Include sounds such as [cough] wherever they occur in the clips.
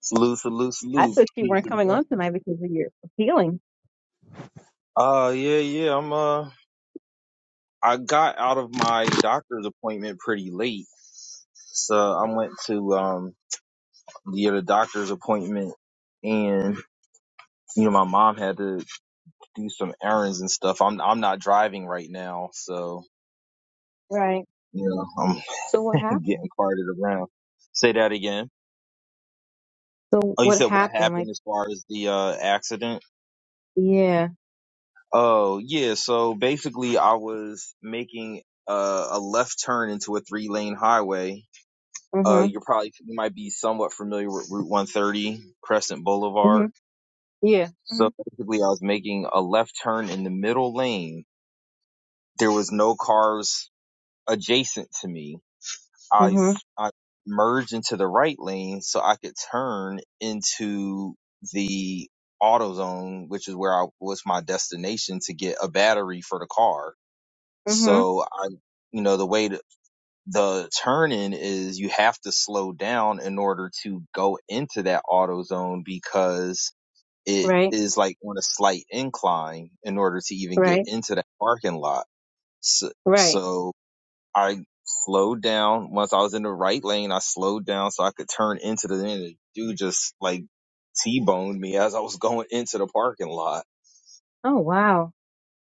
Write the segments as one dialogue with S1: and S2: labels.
S1: Salute, salute,
S2: I
S1: salute.
S2: thought you
S1: Peace
S2: weren't
S1: and
S2: coming on
S1: blessings.
S2: tonight because of your healing.
S1: Uh, yeah, yeah. I'm uh, I got out of my doctor's appointment pretty late, so I went to um the other doctor's appointment, and you know my mom had to do some errands and stuff. I'm I'm not driving right now, so
S2: Right.
S1: you know I'm
S2: So what
S1: [laughs]
S2: happened?
S1: getting carted around. Say that again.
S2: So
S1: Oh, you
S2: what
S1: said what
S2: happened? Like,
S1: happened as far as the uh accident?
S2: yeah.
S1: Oh, yeah. So basically, I was making uh, a left turn into a three lane highway. Uh,
S2: Mm-hmm.
S1: you're probably, you might be somewhat familiar with Route 130, Crescent
S2: Mm-hmm.
S1: Boulevard.
S2: Yeah.
S1: So
S2: Mm-hmm.
S1: basically, I was making a left turn in the middle lane. There was no cars adjacent to me. I I
S2: Mm-hmm.
S1: merged into the right lane so I could turn into the auto zone, which is where I was my destination to get a battery for the car
S2: Mm-hmm.
S1: So I, you know, the way to, the turning is you have to slow down in order to go into that auto zone because it
S2: Right.
S1: is like on a slight incline in order to even get
S2: Right.
S1: into that parking lot. So,
S2: Right.
S1: so I slowed down. Once I was in the right lane, I slowed down so I could turn into the, and the dude just like T-boned me as I was [laughs] going into the parking lot.
S2: Oh wow.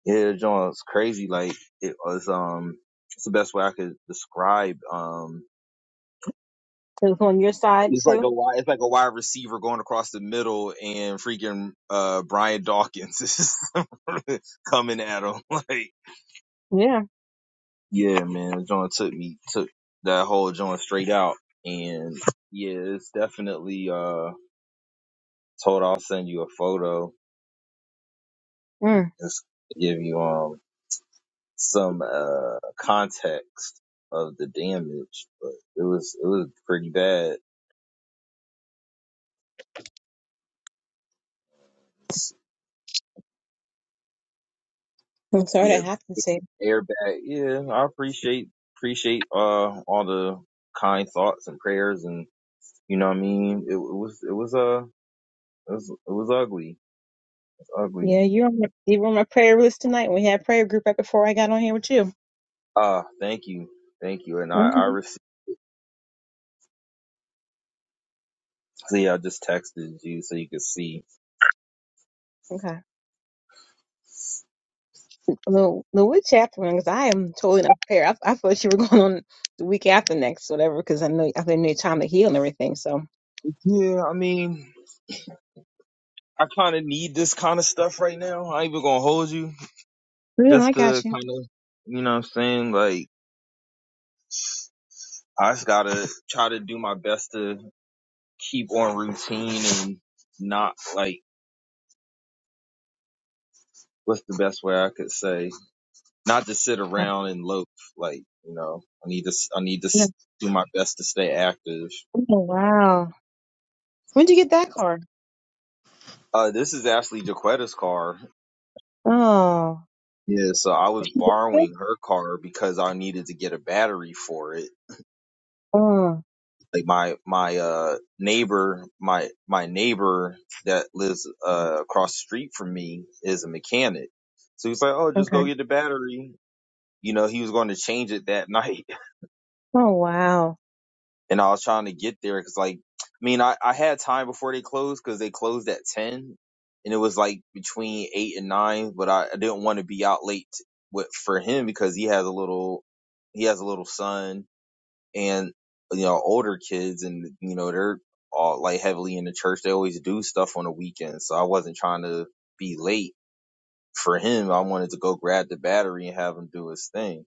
S1: Yeah, John, it's crazy. Like it was um it's the best way I could describe um
S2: So it's on your side
S1: it's like
S2: too?
S1: a wide it's like a wide receiver going across the middle and freaking uh Brian Dawkins is [laughs] coming at him. [laughs] Like
S2: Yeah.
S1: Yeah, man, John took me took that whole John straight out and yeah, it's definitely uh told I'll send you a photo.
S2: Mm.
S1: Just give you um. some uh context of the damage, but it was it was pretty bad. It's-
S2: I'm sorry
S1: He
S2: that
S1: had an
S2: happened to you.
S1: airbag. Yeah, I appreciate appreciate uh all the kind thoughts and prayers, and you know what I mean. It, it was it was uh it was it was ugly, it was ugly.
S2: Yeah, you're on my you're on my prayer list tonight. We had prayer group right before I got on here with you.
S1: Ah, thank you, thank you, and I
S2: hmm
S1: I received. See, I just texted you so you could see.
S2: Okay. The the what chapter one? Because I am totally not prepared. I, I thought you were [laughs] going on the week after next, whatever. Because I know I didn't know your time to heal and everything. So.
S1: Yeah, I mean. I kind of need this kind of stuff right now. I ain't even gonna hold you.
S2: No, I
S1: just to
S2: got you.
S1: kind of, you know what I'm saying? Like, I just gotta try to do my best to keep on routine and not like, what's the best way I could say? Not to sit around and loaf. Like, you know, I need to, s- I need to s- do my best to stay active.
S2: Oh, wow. When'd you get that car?
S1: Uh, this is actually Jaquetta's car.
S2: Oh.
S1: Yeah, so I was
S2: Yeah.
S1: borrowing her car because I needed to get a battery for it.
S2: Oh,
S1: like my my uh neighbor my my neighbor that lives uh across the street from me is a mechanic so he's like oh just
S2: okay.
S1: go get the battery you know he was going to change it that [laughs] night
S2: Oh, wow.
S1: and i was trying to get there because like i mean I, I had time before they closed because they closed at 10 and it was like between 8 and 9 but i, I didn't want to be out late with for him because he has a little he has a little son and you know older kids and you know they're all like heavily in the church they always do stuff on the weekends so i wasn't trying to be late for him i wanted to go grab the battery and have him do his thing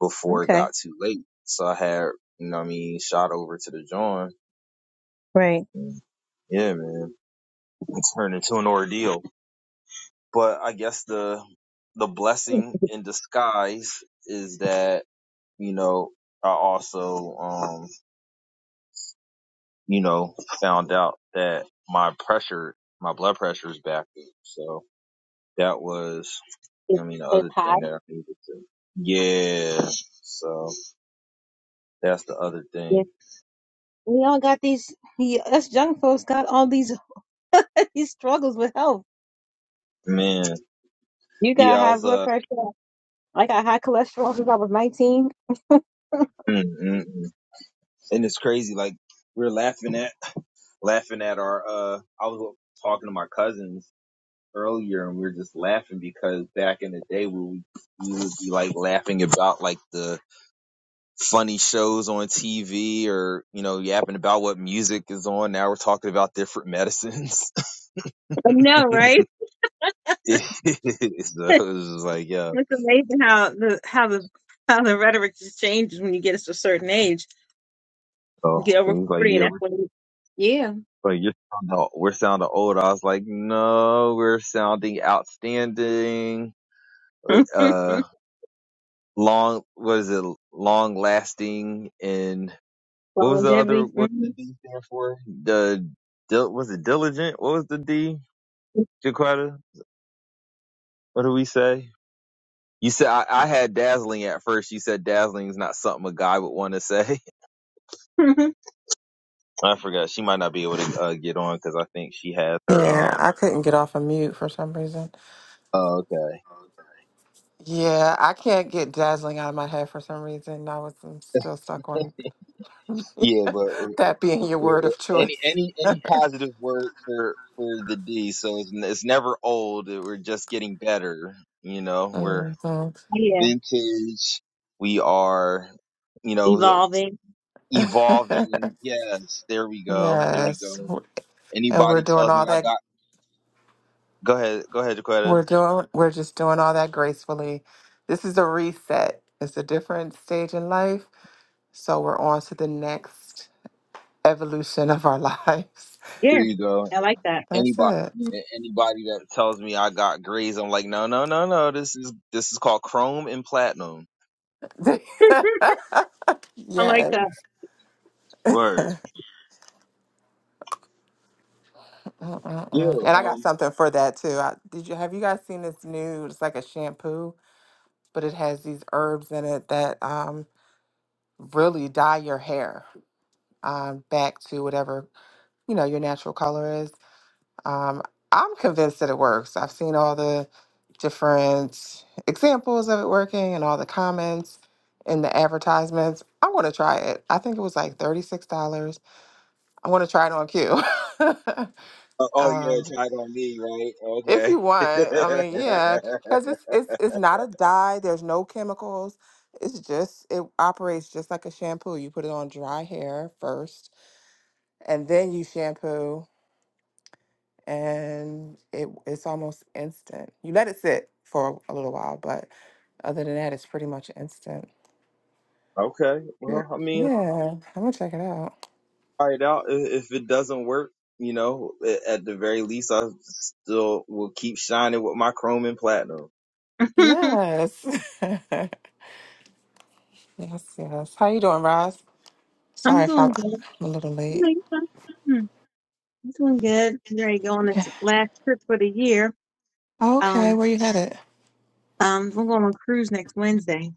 S1: before it
S2: Okay.
S1: got too late so i had you know what i mean shot over to the joint.
S2: Right.
S1: yeah man it turned into an ordeal but i guess the the blessing in disguise is that you know i also um, you know, found out that my pressure, my blood pressure is back. up. So that was, I
S2: It's,
S1: mean, the
S2: it's
S1: other
S2: high.
S1: thing that I needed to. Yeah. So that's the other
S2: Yeah.
S1: thing.
S2: We all got these, we, us young folks got all these, [laughs] these struggles with health.
S1: Man.
S2: You got
S1: Yeah, I
S2: high
S1: was,
S2: blood
S1: uh,
S2: pressure. I got high cholesterol since I was 19.
S1: mm, mm, mm. and it's crazy. Like we were laughing at, [laughs] laughing at our, uh, I was talking to my cousins earlier and we were just laughing because back in the day we would, we would be like laughing about like the, funny shows on TV or, you know, yapping about what music is on. Now we're talking about different medicines. [laughs]
S2: I know, right?
S1: it, it, so
S2: [laughs]
S1: it's just like, yeah.
S2: It's amazing how the how the how the rhetoric just changes when you get to a certain age. You
S1: So,
S2: get
S1: so
S2: over
S1: he's like,
S2: forty, and
S1: yeah,
S2: that's
S1: we're
S2: when you, yeah,
S1: like, you're sounding, we're sounding old. I was like, no, we're sounding outstanding.
S2: [laughs]
S1: Uh, long, what is it? Long lasting. And what was the other,
S2: longevity.
S1: what's the
S2: Mhm.
S1: D stand for? The, dil- was it diligent? What was the D? Jaquetta? What do we say? You said I, I had dazzling at first. You said dazzling is not something a guy would want to say.
S2: [laughs]
S1: [laughs] I forgot. She might not be able to uh, get on because I think she has her
S3: Yeah,
S1: um.
S3: I couldn't get off of mute for some reason.
S1: Oh, okay.
S3: Yeah, I can't get dazzling out of my head for some reason. I was I'm still stuck on [laughs]
S1: Yeah, but uh,
S3: that being your
S1: uh,
S3: word
S1: uh,
S3: of
S1: any
S3: choice.
S1: any any positive word for for the D. So it's, it's never old. We're just getting better. You know, we're
S3: Mhm.
S2: yeah,
S1: vintage. We are, you know, so
S2: evolving.
S3: [laughs]
S1: evolving. Yes, there we go. There we
S3: yes,
S1: go.
S3: and we're
S1: Anybody
S3: doing
S1: tells me
S3: all
S1: I
S3: that.
S1: got. Go ahead. Go ahead, Jaquetta.
S3: We're doing. We're just doing all that gracefully. This is a reset. It's a different stage in life, so we're on to the next evolution of our [laughs] lives.
S1: Here
S2: Yeah,
S1: you go.
S2: I like that.
S3: That's
S1: Anybody,
S3: it.
S2: Mhm.
S1: anybody that tells me I got grays, I'm like, no, no, no, no. This is this is called chrome and platinum.
S3: [laughs]
S2: I like
S3: yes.
S2: that.
S1: Word. Yeah.
S3: Uh-uh-uh. And I got
S1: Um.
S3: something for that too. I, did you have you guys seen this new? It's like a shampoo, but it has these herbs in it that um really dye your hair um back to whatever you know your natural color is. Um, I'm convinced that it works. I've seen all the different examples of it working and all the comments and the advertisements. I want to try it. I think it was like thirty six dollars. I want to try it on Q.
S1: uh,
S3: [laughs]
S1: oh yeah,
S3: um,
S1: tag on me, right?
S3: If
S1: Okay.
S3: you want,
S1: [laughs]
S3: I mean, yeah, because it's it's it's not a dye. There's no chemicals. It's just it operates just like a shampoo. You put it on dry hair first, and then you shampoo, and it it's almost instant. You let it sit for a little while, but other than that, it's pretty much instant.
S1: okay.
S3: Yeah,
S1: Well, I mean,
S3: yeah. I'm gonna check it out.
S1: try it out. I- If it doesn't work, you know, a- at the very least, I still will keep shining with my chrome and platinum.
S2: [laughs]
S3: Yes, [laughs] yes, yes. How you doing, Roz? Sorry
S2: I'm
S3: if I'm
S2: doing good.
S3: I'm a little
S2: You know,
S3: late.
S2: you know, hmm, I'm doing good. I'm ready to go on
S3: Yeah.
S2: this last trip for the year.
S3: Okay,
S2: Um,
S3: where you headed?
S2: um, we're going on a cruise next Wednesday.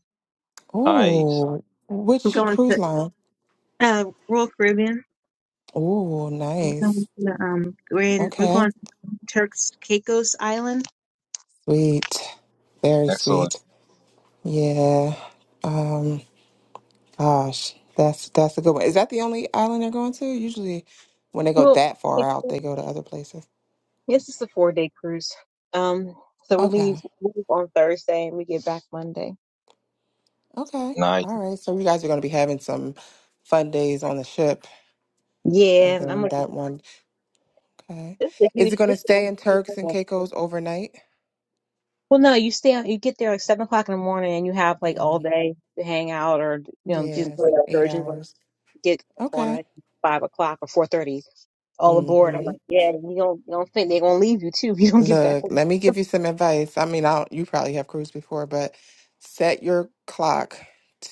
S1: Nice.
S3: Oh,
S2: We're
S3: which
S2: going
S3: cruise
S2: to
S3: line?
S2: uh, Royal Caribbean.
S3: Oh,
S2: We're going
S3: nice.
S2: to, um, we're in, we're
S3: Okay.
S2: going to Turks Caicos Island.
S3: Sweet. Very
S1: Excellent.
S3: sweet. Yeah. Um, gosh, that's that's a good one. Is that the only island they're going to? Usually when they go
S2: Well,
S3: that far
S2: it's,
S3: out, they go to other places.
S2: this is a four day cruise. Um, so we leave,
S3: Okay.
S2: we leave on Thursday and we get back Monday.
S3: Okay.
S1: Nice.
S3: All right. So you guys are going to be having some fun days on the ship and
S2: Yeah, and I'm
S3: then
S2: like,
S3: that one. Okay.
S2: this is a
S3: Is
S2: huge.
S3: it going to
S2: This is
S3: stay
S2: gonna
S3: in
S2: be so
S3: Turks and
S2: much.
S3: Caicos overnight?
S2: well, no, you stay. You get there like seven o'clock in the morning, and you have like all
S3: hmm
S2: day to hang out, or you know, do
S3: Yes,
S2: the
S3: eight
S2: excursions. Like
S3: hours.
S2: get back on
S3: Okay.
S2: like five o'clock or four thirty, all aboard.
S3: Mm-hmm.
S2: I'm like, yeah, you don't you don't think they're gonna leave you too if you don't get back
S3: Look,
S2: on.
S3: let me give you some advice. I mean, I don't, you probably have cruised before, but set your clock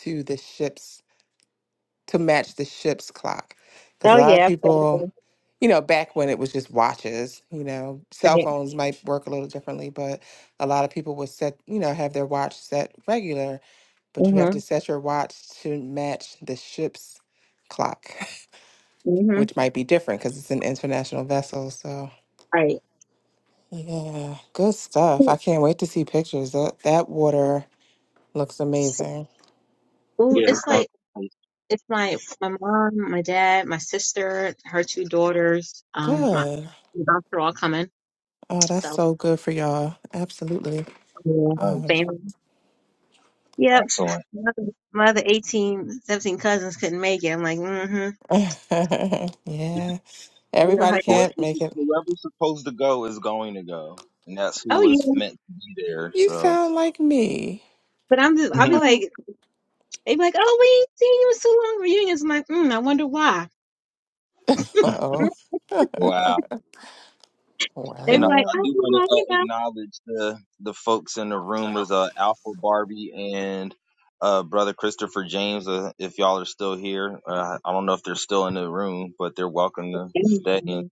S3: to the ship's to match the ship's clock. Because a
S2: Oh
S3: lot of
S2: yeah,
S3: people, you know, back when it was just watches, you know, cell phones might work a little differently, but a lot of people would set, you know, have their watch set regular, but you have to
S2: Mhm.
S3: set your watch to match the ship's clock, [laughs]
S2: Mhm.
S3: which might be different because it's an international vessel. So.
S2: Right.
S3: Yeah, good stuff. I
S2: Well,
S3: can't wait to see pictures. That that water looks amazing.
S2: well,
S1: Yeah. It's
S2: it's
S1: gonna
S2: like
S1: be nice.
S2: it's my my mom, my dad, my sister, her two daughters, um, my
S3: Good.
S2: my dogs are all coming.
S3: Oh, that's
S2: So
S3: so good for y'all. Absolutely.
S2: yeah.
S3: Um,
S1: Nice.
S2: family. Yep.
S1: Excellent.
S2: My other my other 18, seventeen cousins couldn't make it. I'm like, mm-hmm.
S3: [laughs] yeah.
S2: You know,
S3: Everybody
S2: like,
S3: can't
S1: Whoever's,
S3: make it.
S1: whoever's supposed to go is going to go, and that's who
S3: Oh,
S2: oh
S1: was
S2: yeah.
S1: meant to be there.
S3: you
S1: So,
S3: sound like me.
S2: But I'm just, I'll be
S1: [laughs]
S3: I'm.
S2: like, they be like, oh, we ain't seen you in so long. Reunions. I'm like, mm, I wonder why.
S3: Uh oh. [laughs]
S1: wow.
S2: They be
S1: And I,
S2: like,
S1: I
S3: wow.
S2: oh,
S1: do want to
S2: well,
S1: uh,
S2: you know.
S1: acknowledge the the folks in the room was uh, Alpha Barbie and uh, brother Christopher James. Uh, if y'all are still here, uh, I don't know if they're still in the room, but they're welcome to stay. And
S2: Anyway,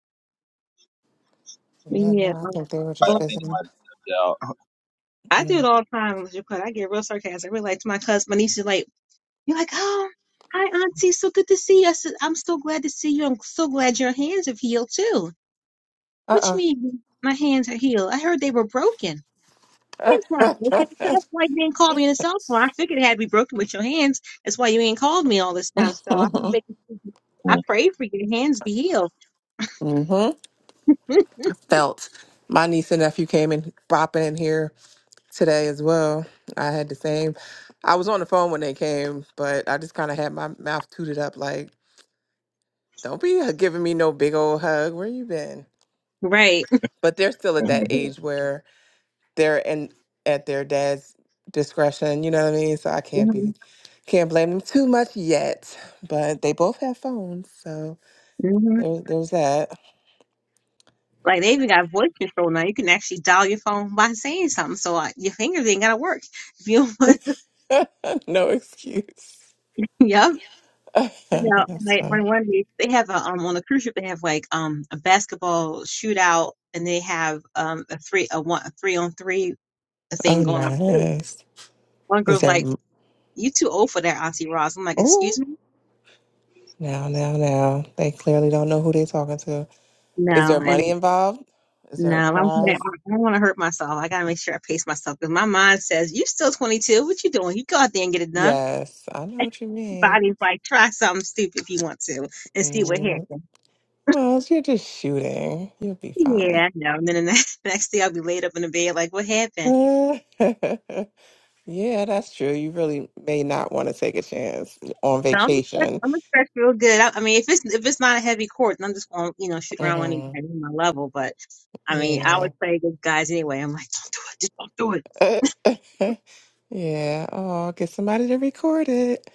S2: but
S3: Yeah. No,
S2: yeah.
S3: I
S2: um,
S3: think they were
S1: I
S3: just
S2: well,
S1: I think they
S3: visiting.
S1: might
S2: I do it
S3: Mm.
S2: all the time unless you cut. I get real sarcastic. I really like to my cousin, my niece is like, you're like, oh, hi auntie, so good to see you. I said, I'm so glad to see you. I'm so glad your hands have healed too. Which
S3: Uh
S2: means my hands are healed. I heard they were broken. Hands weren't
S3: uh
S2: broken.
S3: [laughs]
S2: So that's why you didn't call me on the cell phone. I figured it had to be broken with your hands. That's why you ain't called me all this time. So I'm making I
S1: have stepped out.
S2: pray for your hands be healed.
S3: hmm Felt. My niece and nephew came in bopping in here today as well. I had the same. I was on the phone when they came, but I just kind of had my mouth tooted up like, don't be h- giving me no big old hug. Where you been?
S2: Right.
S3: But they're still at
S1: [laughs]
S3: that age where they're in at their dad's discretion, you know what I mean? So I
S2: [laughs]
S3: can't be can't blame them too much yet. But they both have phones, so
S2: hmm
S3: there, there's that.
S2: Like they even got voice control now. You can actually dial your phone by saying something. So uh, your fingers ain't gotta work. If you don't want,
S3: [laughs] no excuse.
S2: [laughs] yep.
S3: [laughs]
S2: But Now,
S3: That's
S2: my my
S3: fun.
S2: one day they have a um on a cruise ship they have like um a basketball shootout and they have um a three a one a three on three
S3: Oh
S2: thing going on too.
S3: nice.
S2: One
S3: Is
S2: girl's
S3: there
S2: like, "You too old for that, Auntie Ross." I'm like,
S3: oh
S2: "Excuse me."
S3: Now, now, now. They clearly don't know who they're talking to. Is there
S2: No,
S3: money
S2: and
S3: involved? Is there
S2: no,
S3: a
S2: I'm I
S3: prize?
S2: don't want to hurt myself. I gotta make sure I pace myself because my mind says, "You still 22. What you doing? You go out there and get it done."
S3: Yes, I know
S2: [laughs]
S3: what you mean.
S2: Body's like, try something stupid if you want to and see what
S3: Mm,
S2: happens.
S3: well, you're just shooting. You'll be fine.
S2: Yeah, no. And then the next, [laughs] next day I'll be laid up in the bed like, what
S3: [laughs]
S2: happened?
S3: yeah, that's true. You really may not want to take a chance on
S2: So I'm gonna stretch,
S3: vacation.
S2: I'm gonna stretch real good. I, I mean, if it's if it's not a heavy court, then I'm just gonna you know shoot around when it's
S3: hmm
S2: at my level. But I mean, I
S3: Yeah.
S2: always play against guys anyway. I'm like, don't do it, just don't do it.
S3: [laughs] yeah. Oh, get somebody to record it.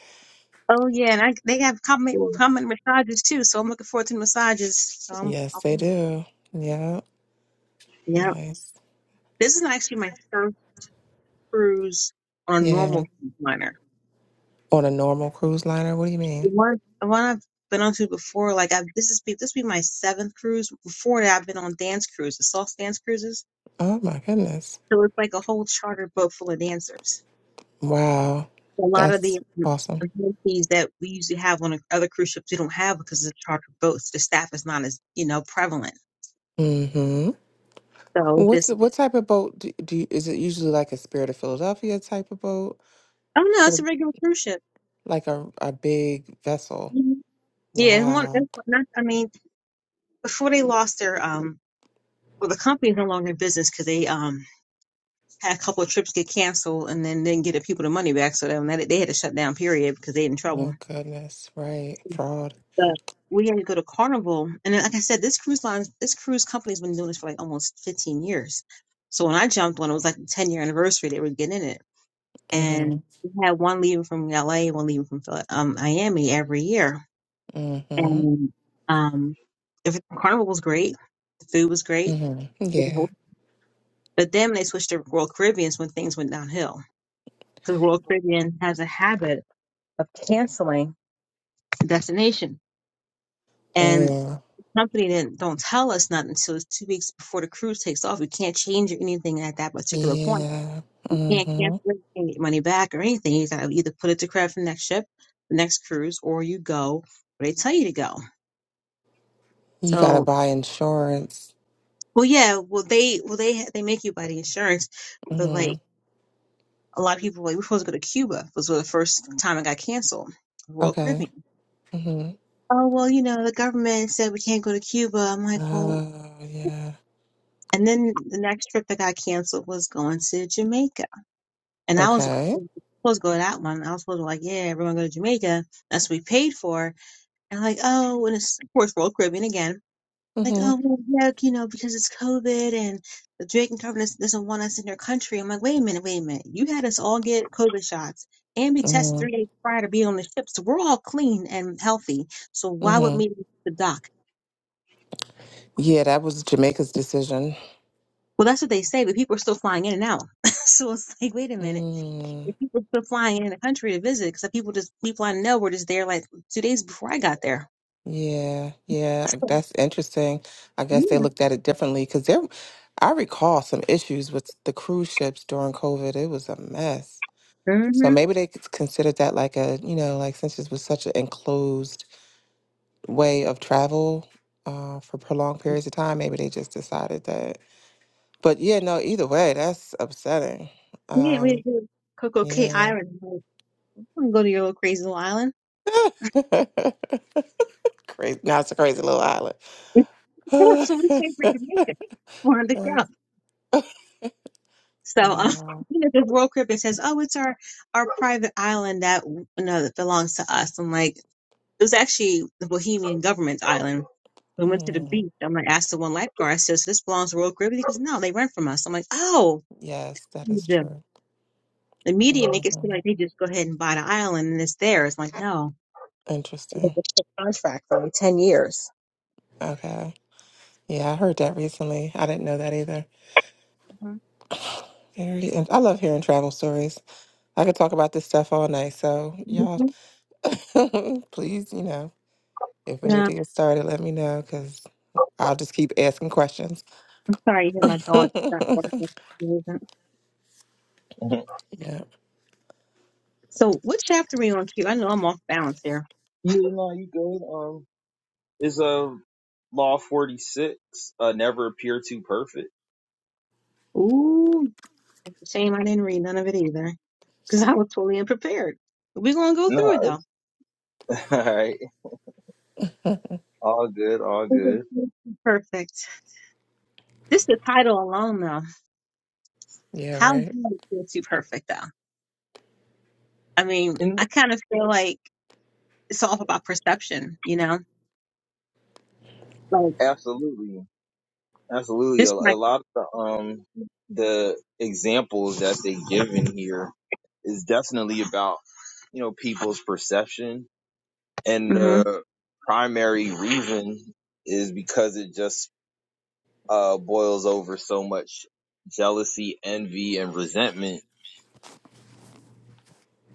S2: Oh yeah, and I, they have compliment,
S1: Or-
S2: compliment massages too, so I'm looking forward to the massages. So I'm,
S3: Yes,
S2: I'll
S3: they
S2: be,
S3: do. Yeah.
S2: yeah,
S3: Nice.
S2: this is actually my first cruise on a
S3: Yeah.
S2: normal cruise liner.
S3: On a normal cruise liner? What do you mean?
S2: one one I've been on to before, like I've this is be this be my seventh cruise. Before that, I've been on dance cruises, soft dance cruises.
S3: Oh my goodness.
S2: So it's like a whole charter boat full of dancers.
S3: Wow.
S2: A lot of the
S3: That's
S2: um,
S3: awesome.
S2: amenities that we usually have on other cruise ships, we don't have because it's charter boats, The staff is not as you know prevalent.
S3: Mm-hmm.
S2: So
S3: What's
S2: this,
S3: the, what type of boat do, do you, is it usually like a Spirit of Philadelphia type of boat
S2: oh no,
S3: for
S2: it's a
S3: the-
S2: regular cruise ship.
S3: like a, a big vessel?
S2: Mhm. Yeah, it's one.
S3: Wow.
S2: it's one- Not, I mean, before they lost their um, well, the company's no longer in business because they um had a couple of trips get canceled and then didn't get the people the money back. So then that they had to shut down period because they in trouble.
S3: Oh goodness. Right. Fraud.
S2: But we had to go to Carnival, and then, like I said, this cruise line, this cruise company's been doing this for like almost 15 years. So when I jumped, when it was like the 10 year anniversary, they were getting in it, and
S3: Mm-hmm.
S2: we had one leaving from LA, one leaving from Phil- um, Miami every year,
S3: Mm-hmm.
S2: and um, if Carnival was great, the food was great,
S3: Mm-hmm. Yeah.
S2: but then when they switched to Royal Caribbean when things went downhill because Royal Caribbean has a habit of canceling the destination. And the
S3: Oh.
S2: company didn't don't tell us nothing until it's two weeks before the cruise takes off. You can't change anything at that particular point.
S3: Yeah.
S2: You can't
S3: Mm-hmm.
S2: cancel it, you can't get money back or anything. You gotta either put it to credit for the next ship, the next cruise, or you go where they tell you to go.
S3: You gotta
S2: So
S3: buy insurance.
S2: well yeah, well they well they they make you buy the insurance, but
S3: Mm-hmm.
S2: like a lot of people like we're supposed to go to Cuba It was the first time it got canceled. Royal
S3: Okay.
S2: Caribbean.
S3: Mm-hmm.
S2: Oh well, you know, the government said we can't go to Cuba. I'm like, well,
S3: Oh yeah.
S2: And then the next trip that got canceled was going to Jamaica. And I was
S3: Okay.
S2: supposed to go to that one. I was supposed to like, yeah, everyone go to Jamaica. That's what we paid for. And like, oh, and it's [laughs] of course Royal Caribbean again. Like,
S3: Mm-hmm.
S2: oh, well, yeah, you know, because it's COVID and the Jamaican government doesn't want us in their country. I'm like, wait a minute, wait a minute. You had us all get COVID shots and be tested
S3: Mm-hmm.
S2: three days prior to be on the ship. So we're all clean and healthy. So why
S3: Mm-hmm.
S2: would me the dock?
S3: Yeah, that was Jamaica's decision.
S2: Well, that's what they say, but people are still flying in and out. [laughs] so it's like, wait a minute
S3: Mm,
S2: If people still flying in the country to visit, because people just people I know were just there like two days before I got there.
S3: yeah, yeah, that's interesting. I guess they
S2: Yeah.
S3: looked at it differently because there, I recall some issues with the cruise ships during COVID. It was a mess. So
S2: Mm-hmm.
S3: maybe they c- considered that like a, you know, like since this was such an enclosed way of travel uh, for prolonged periods of time, maybe they just decided that. But yeah, no, either way, that's upsetting.
S2: Yeah, we had
S3: Um,
S2: to go to Coco Cay
S3: yeah.
S2: Island. I'm like, I wanna go to your little crazy little island.
S3: [laughs] crazy. Now it's a crazy little island.
S2: [laughs] That's what
S3: [laughs]
S2: we came for Jamaica. We're on the show.
S3: That's
S2: So um, [laughs]
S3: wow.
S2: you know, the World Crib it says, "Oh, it's our our private island that you know that belongs to us." I'm like, it was actually the Bohemian government's island. We went to the
S3: Mm,
S2: beach. I'm like, asked the one lifeguard. I says, this belongs to World Caribbean?" He goes, "No, they rent from us." I'm like, "Oh."
S3: yes, that is true.
S2: The media
S3: hmm
S2: make it seem like they just go ahead and buy the island and it's theirs. Like, no. It was
S3: Interesting.
S2: a contract for only 10 years.
S3: Okay. Yeah, I heard that recently. I didn't know that either. Very. in- I love hearing travel stories. I could talk about this stuff all night. So y'all,
S2: Mhm.
S3: [laughs] please, you know, if we
S2: No,
S3: need to
S2: I'm
S3: get started, let me know because I'll just keep asking questions.
S2: sorry you hear my dog. stuff for some reason.
S1: [laughs] yeah,
S3: Yeah.
S2: So, what chapter are we on, Q? I know I'm off balance here.
S1: no, you good. Um, is a uh, Law Forty Six uh, never appear too perfect.
S2: Ooh, it's a shame I didn't read none of it either because I was totally unprepared. We're going to go
S1: No,
S2: through it though.
S1: [laughs] all right, all good, all
S2: Mhm.
S1: good,
S2: Perfect. This is the title alone though.
S3: Yeah.
S2: How
S3: Right.
S2: good is Feel too perfect though? I mean,
S1: and
S2: I kind of feel like it's all about perception, you know? Like
S1: absolutely, absolutely. A,
S2: this
S1: a
S2: practice.
S1: lot of the um the examples that they give in here is definitely about you know people's perception, and
S2: Mm-hmm.
S1: the primary reason is because it just uh boils over so much jealousy, envy, and resentment,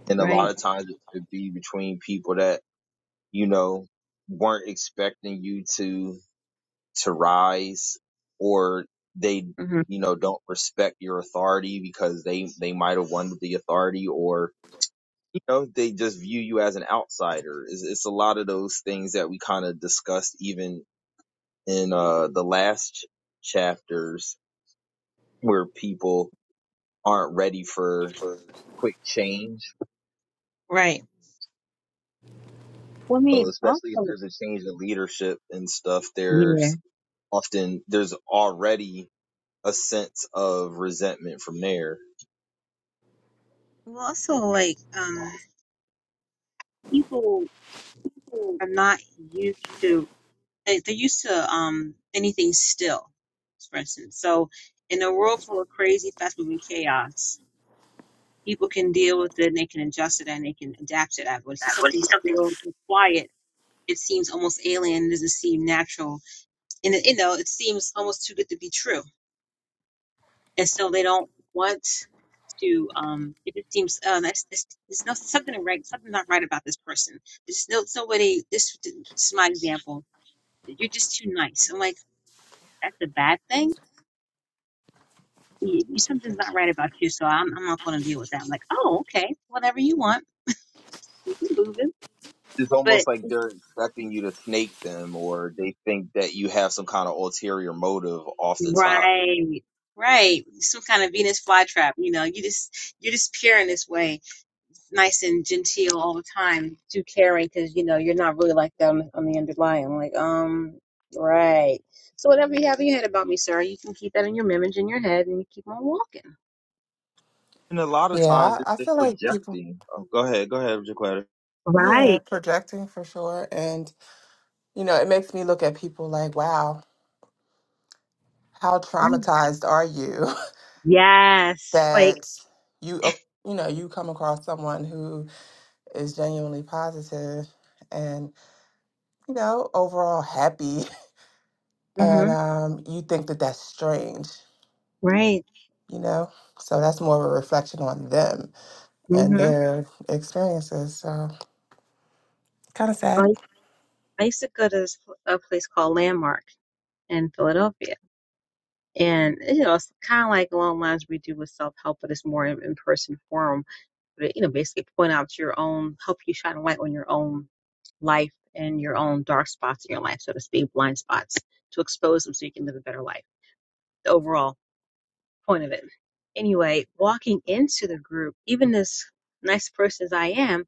S1: and a lot
S2: Right.
S1: of times it could be between people that you know weren't expecting you to to rise or they,
S2: Mm-hmm.
S1: you know, don't respect your authority because they, they might have won with the authority or, you know, they just view you as an outsider. It's, it's a lot of those things that we kind of discussed even in, uh, the last ch- chapters where people aren't ready for quick change.
S2: Right. Well, I
S1: So
S2: mean,
S1: especially if
S2: also,
S1: there's a change in leadership and stuff,
S2: yeah.
S1: there's often, there's already a sense of resentment from there
S2: Well, also, like, um, people are not used to, they, they're used to, um, anything still, for instance. So, in a world full of crazy, fast moving chaos, people can deal with it and they can adjust it, and they can adapt to that. But if you see something still and quiet, it seems almost alien, it doesn't seem natural. And, it- you know, it seems almost too good to be true and so they don't want to. Um, it just seems uh, that's this. There's no something right. Something not right about this person. There's no nobody. This, this is my example. You're just too nice. I'm like that's a bad thing. You, you- something's not right about you. So I'm I'm not going to deal with that. I'm like oh okay, whatever you want, you can move it.
S1: it's almost
S2: But
S1: like they're expecting you to snake them or they think that you have some kind of ulterior motive off the top.
S2: right, right, some kind of Venus flytrap. You know, you just you're just pure in this way nice and genteel all the time, too caring because you know you're not really like that on, the underlying. I'm like, um, right. So whatever you have in your head about me, sir, you can keep that in your image in your head, and you keep on walking.
S1: And a lot of
S3: Yeah.
S1: times it's
S3: I, I
S1: just
S3: feel like people.
S1: projecting. Oh, go ahead, go ahead, Jaquetta.
S3: Yeah,
S2: Right.
S3: projecting for sure, and you know, it makes me look at people like, wow, how
S2: Right.
S3: traumatized are you? [laughs]
S2: Yes. Like,
S3: that you uh, you know you come across someone who is genuinely positive and you know overall happy [laughs]
S2: hmm
S3: and um, you think that that's strange
S2: right.
S3: you know so that's more of a reflection on them and
S2: hmm
S3: their experiences so kind of sad
S2: I, I used to go to this, pl- a place called Landmark in Philadelphia. And, you know, it's kind of like along the lines we do with self help, but it's more in, in person form. you know, basically point out your own, help you shine a light on your own life and your own dark spots in your life, so to speak, blind spots, to expose them so you can live a better life. The overall point of it. Anyway, walking into the group, even as nice person as I am,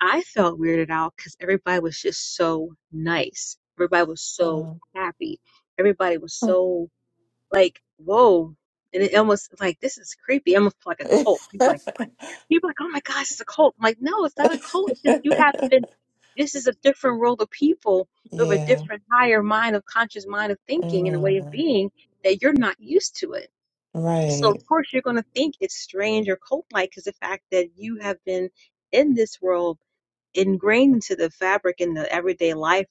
S2: I felt weirded out because everybody was just so nice. Everybody was so
S3: Mm.
S2: happy. Everybody was
S3: [laughs]
S2: so like, whoa. And it almost like this is creepy. Almost like a cult. People like People are like, oh my gosh, it's a cult. I'm like, no, it's not a cult. It's just you have been, this is a different world of people who have a
S3: yeah
S2: different, higher mind of conscious mind of thinking and a way of
S3: Mm.
S2: being that you're not used to it. So,
S3: right
S2: of course, you're going to think it's strange or cult like because the fact that you have been in this world ingrained into the fabric and the everyday life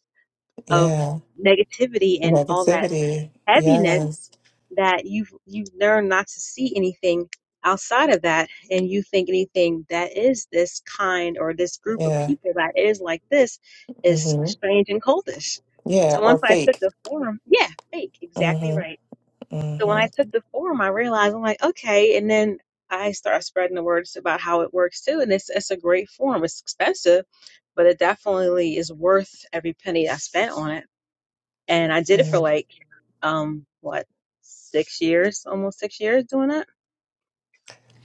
S2: of
S3: yeah
S2: negativity and all that
S3: negativity
S2: heaviness
S3: yes
S2: that you've you've learned not to see anything outside of that and you think anything that is this kind or this group of
S3: yeah
S2: people that is like this is
S3: hmm
S2: strange and coldish.
S3: yeah
S2: so
S3: or
S2: once i took
S3: fake
S2: the forum yeah fake exactly
S3: Mm-hmm.
S2: right so when i
S3: Mhm.
S2: took the forum i realized i'm like okay and then i start spreading the words about how it works too and it's it's a great forum it's expensive but it definitely is worth every penny i spent on it and i did it for
S3: Mhm.
S2: like um what six years almost six years doing that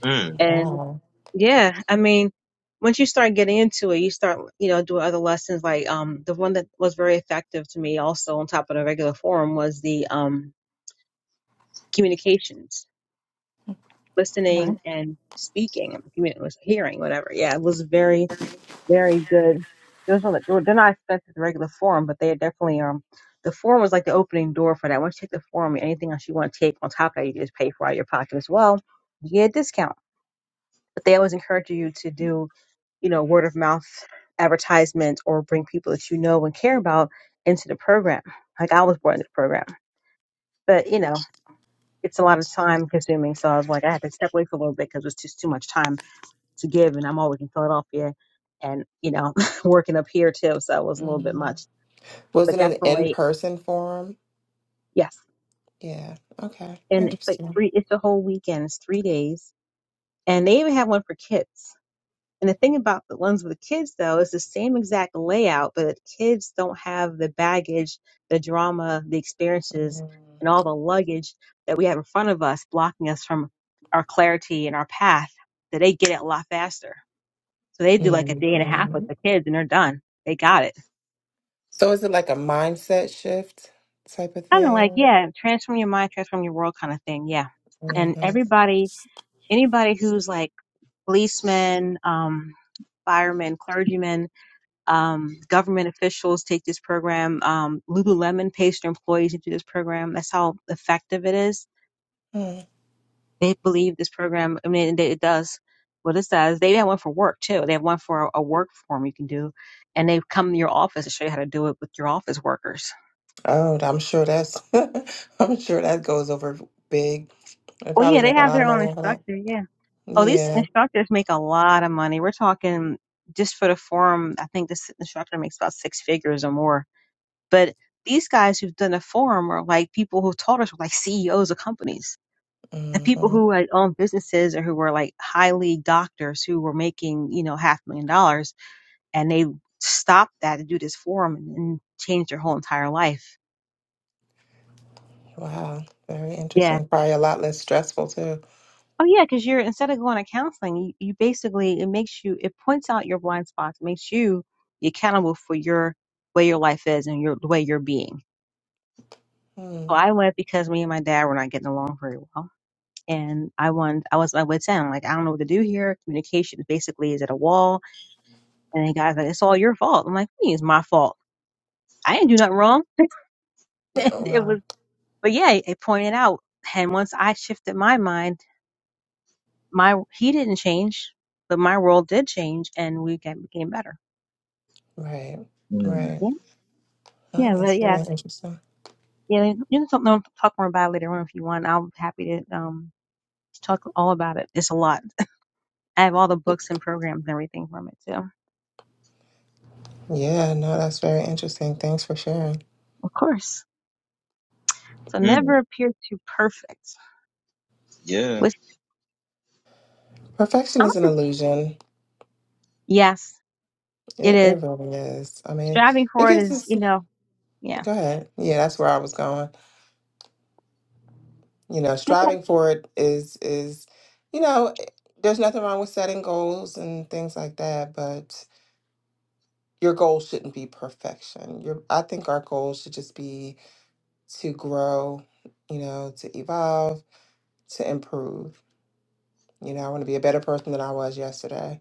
S1: Mm,
S2: and
S3: Wow.
S2: yeah i mean once you start getting into it you start you know doing other lessons like um the one that was very effective to me also on top of the regular forum was the um communications listening
S3: Okay.
S2: and speaking commu- hearing whatever yeah it was very very good. Those were, like- they were- they're not expected the regular forum, but they are definitely um the forum was like the opening door for that. Once you take the forum, anything else you want to take on top of that, you just pay for out of your pocket as well. You get a discount. But they always encourage you to do, you know, word of mouth advertisements or bring people that you know and care about into the program. Like I was brought into the program, but you know, it's a lot of time consuming. So I was like, I had to step away for a little bit because it was just too much time to give and I'm always in Philadelphia and you know [laughs] working up here too so it was a little bit
S3: Mhm.
S2: much
S3: Was
S2: but
S3: it an in
S2: definitely
S3: person forum?
S2: yes
S3: Yeah. Okay.
S2: and it's like
S3: Interesting.
S2: three it's a whole weekend it's three days and they even have one for kids and the thing about the ones with the kids though is the same exact layout but kids don't have the baggage the drama the experiences
S3: Mhm.
S2: and all the luggage that we have in front of us blocking us from our clarity and our path that they get it a lot faster so they do like a day and a half
S3: hmm
S2: with the kids and they're done they got it
S3: So is it like a mindset shift type of
S2: kind of like
S3: thing?
S2: yeah transform your mind transform your world kind of thing yeah and
S3: Mm-hmm.
S2: everybody anybody who's like policemen um firemen clergymen um government officials take this program um lululemon pays their employees into this program that's how effective it is
S3: hmm Mm.
S2: they believe this program i mean it does what it says they have one for work too they have one for a, a work form you can do and they come to your office to show you how to do it with your office workers
S3: Oh, I'm sure that's. [laughs] I'm sure that goes over big. They
S2: well
S3: probably
S2: yeah they
S3: make a
S2: have
S3: lot of
S2: their own
S3: money off of that.
S2: instructor yeah. Oh, these
S3: Yeah.
S2: instructors make a lot of money. We're talking just for the forum. I think this instructor makes about six figures or more. But these guys who've done a forum are like people who taught us were like CEOs of companies and people
S3: hmm
S2: who like own businesses or who were like highly doctors who were making, you know, half a million dollars and they stopped that to do this forum and, and changed their whole entire life.
S3: Wow. Very
S2: Yeah.
S3: interesting. Probably a lot less stressful too.
S2: Oh yeah, because you're instead of going to counseling, you, you basically it makes you it points out your blind spots, makes you accountable for your way your life is and your the way you're being. So
S3: Mm.
S2: I went because me and my dad were not getting along very well, and I wanted I was I went to him like I don't know what to do here. Communication basically is at a wall, and the guy's like it's all your fault. I'm like "What do you mean it's my fault. I didn't do nothing wrong. [laughs] And it
S3: Wow.
S2: was, but yeah, it pointed out, and once I shifted my mind, my he didn't change, but my world did change, and we got, became better.
S3: Right.
S1: mm,
S3: Right.
S2: Yeah,
S3: That
S2: yeah,
S3: is
S2: but yeah,
S3: very interesting.
S2: yeah. You can talk, no, talk more about it later on if you want. I'm happy to um talk all about it. It's a lot. I have all the books and programs and everything from it too,
S3: Yeah, no, that's very interesting. Thanks for sharing.
S2: of course. So never
S1: mm,
S2: appear too perfect.
S1: yeah.
S2: Which
S3: Perfection
S2: I'm
S3: is an
S2: just-
S3: illusion.
S2: yes, it
S3: It,
S2: is.
S3: it really is. I mean,
S2: Striving
S3: it
S2: for it
S3: gives
S2: is,
S3: us.
S2: you know, yeah.
S3: Go ahead. Yeah, that's where I was going. You know,
S2: Okay.
S3: striving for it is is, you know, there's nothing wrong with setting goals and things like that, but your goal shouldn't be perfection. Your, I think our goal should just be to grow, you know, to evolve, to improve. You know, I want to be a better person than I was yesterday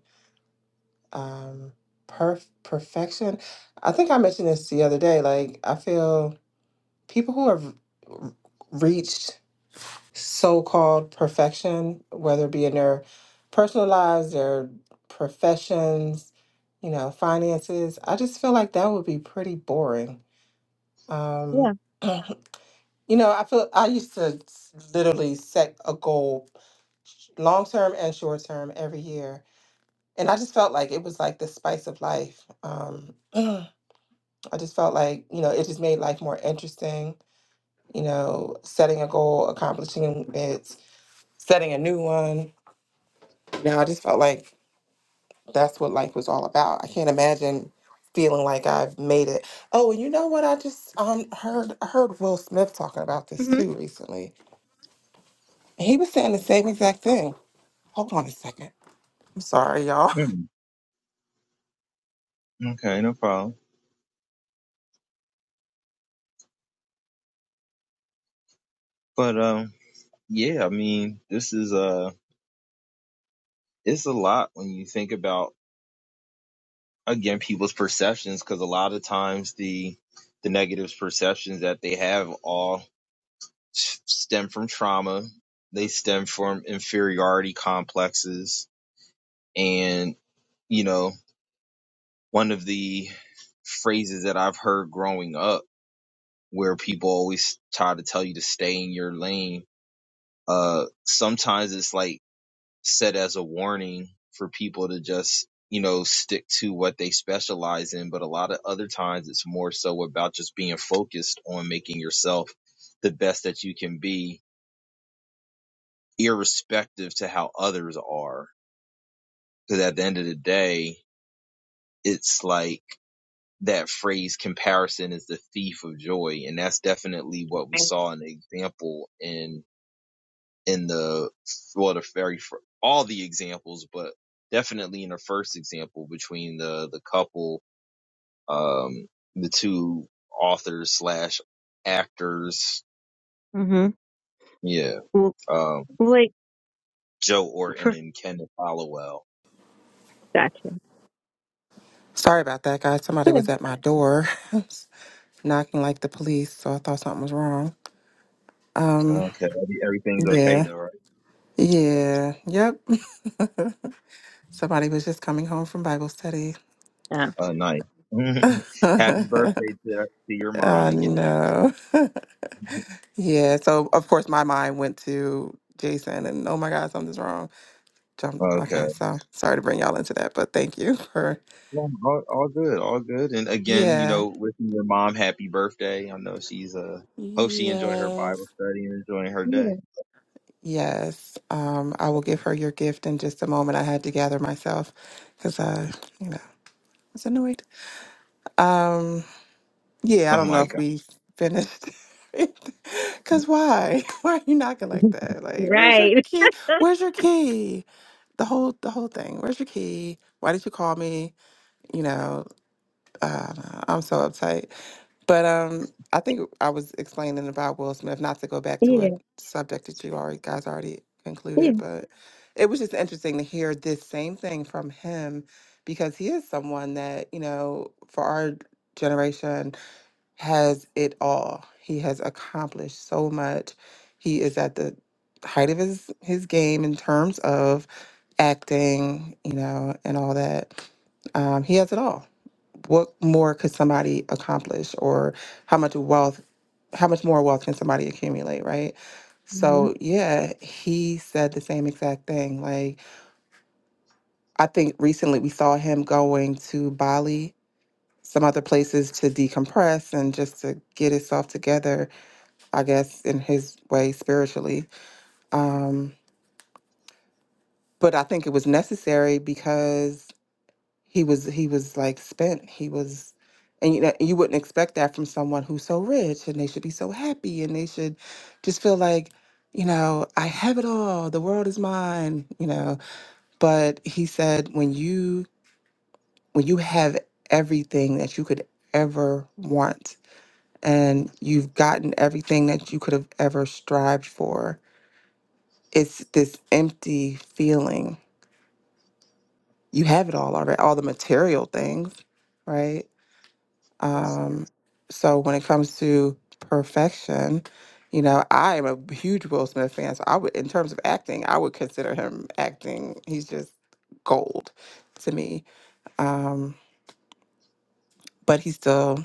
S3: um perf perfection. I think I mentioned this the other day. Like I feel people who have r- reached so-called perfection, whether it be in their personal lives, their professions, you know, finances, I just feel like that would be pretty boring. Um,
S2: Yeah.
S3: [clears throat] you know, I feel I used to s- literally set a goal, long term and short term, every year and I just felt like it was like the spice of life. Um, [clears throat] I just felt like you know it just made life more interesting. You know, setting a goal, accomplishing it, setting a new one. You know, I just felt like that's what life was all about. I can't imagine feeling like I've made it. Oh, and you know what? I just um heard I heard Will Smith talking about this
S2: Mhm.
S3: too recently. And he was saying the same exact thing. Hold on a second. I'm sorry, y'all.
S1: Mm, okay, no problem. But um, yeah, I mean, this is uh, it's a lot when you think about again people's perceptions because a lot of times the the negative perceptions that they have all. stem from trauma. They stem from inferiority complexes. And, you know, one of the phrases that I've heard growing up where people always try to tell you to stay in your lane, uh, sometimes it's like set as a warning for people to just, you know, stick to what they specialize in. But a lot of other times it's more so about just being focused on making yourself the best that you can be irrespective to how others are. Because at the end of the day, it's like that phrase comparison is the thief of joy. And that's definitely what we saw in the example in, in the, well, the very, fir- all the examples, but definitely in the first example between the, the couple, um, the two authors slash actors.
S2: Mm-hmm.
S1: Yeah.
S2: L-
S1: Um,
S2: like
S1: Joe Orton and Kenneth Hollowell.
S2: perfection.
S3: [laughs] Sorry about that, guys. Somebody was
S2: Good.
S3: at my door. [laughs] knocking like the police, so I thought something was wrong. Um,
S1: Okay. Everything's okay
S3: yeah,
S1: though, right?
S3: yeah, yep. Somebody was just coming home from Bible study.
S2: Yeah.
S1: Oh, nice. [laughs]
S3: [laughs]
S1: Happy
S3: I
S1: birthday to, to your mom again.
S3: know. [laughs] yeah. So of course my mind went to Jason, and oh my God, something's wrong. Jumped.
S1: Okay.
S3: Okay, so sorry to bring y'all into that, but thank you [laughs] for
S1: Well, all, all good, all good. And again, you
S3: yeah.
S1: know, wishing your mom happy birthday. I know she's uh hope she enjoyed her
S3: Yes,
S1: Bible study and enjoying her day.
S2: Yeah.
S3: yes. Um, I will give her your gift in just a moment. I had to gather myself because, uh, you know, it's annoyed. Um, Yeah, I
S1: Oh
S3: don't know
S1: my
S3: if we finished. [laughs]
S1: God.
S3: Cause why? [laughs] Why are you knocking
S2: [laughs]
S3: like
S2: Mhm.
S3: that? Like, where's your
S2: Right.
S3: key? Where's your key? The whole the whole thing. Where's your key? Why did you call me? You know, uh, I'm so uptight. But um, I think I was explaining about Will Smith, not to go back to a
S2: Yeah.
S3: subject that you already guys already
S2: Yeah.
S3: concluded, but it was just interesting to hear this same thing from him because he is someone that, you know, for our generation has it all. He has accomplished so much. He is at the height of his his game in terms of acting, you know, and all that. Um, he has it all. What more could somebody accomplish, or how much wealth, how much more wealth can somebody accumulate, right?
S2: Mm-hmm.
S3: So yeah, he said the same exact thing. Like I think recently we saw him going to Bali, some other places to decompress and just to get himself together I guess, in his way spiritually. Um, but I think it was necessary because he was he was like spent. He was, and you know, you wouldn't expect that from someone who's so rich and they should be so happy and they should just feel like, you know, I have it all. The world is mine. You know. But he said when you when you have everything that you could ever want and you've gotten everything that you could have ever strived for it's this empty feeling. You have it all already, all the material things, right?
S2: Yeah.
S3: Um, so when it comes to perfection, you know, I am a huge Will Smith fan. So I would, in terms of acting, I would consider him acting. He's just gold to me. Um, but he's still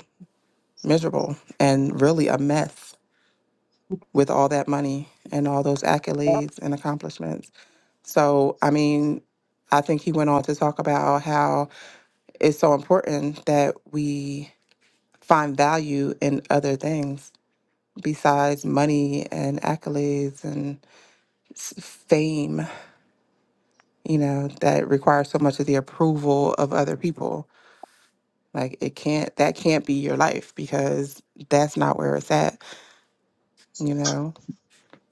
S3: miserable and really a mess with all that money and all those accolades and accomplishments. So, I mean, I think he went on to talk about how it's so important that we find value in other things besides money and accolades and s- fame, you know, that requires so much of the approval of other people. Like it can't that can't be your life because that's not where it's at, you know.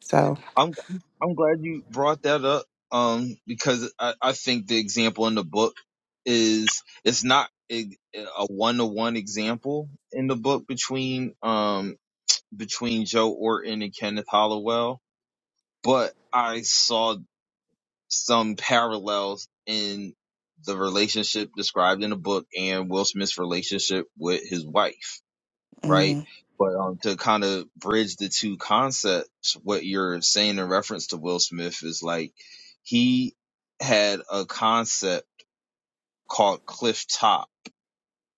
S3: So,
S1: I'm I'm glad you brought that up. Um, because I, I think the example in the book is it's not a one to one example in the book between um between Joe Orton and Kenneth Hollowell but I saw some parallels in the relationship described in the book and Will Smith's relationship with his wife, right?
S3: mm,
S1: But um, to kind of bridge the two concepts, what you're saying in reference to Will Smith is like he had a concept called cliff top,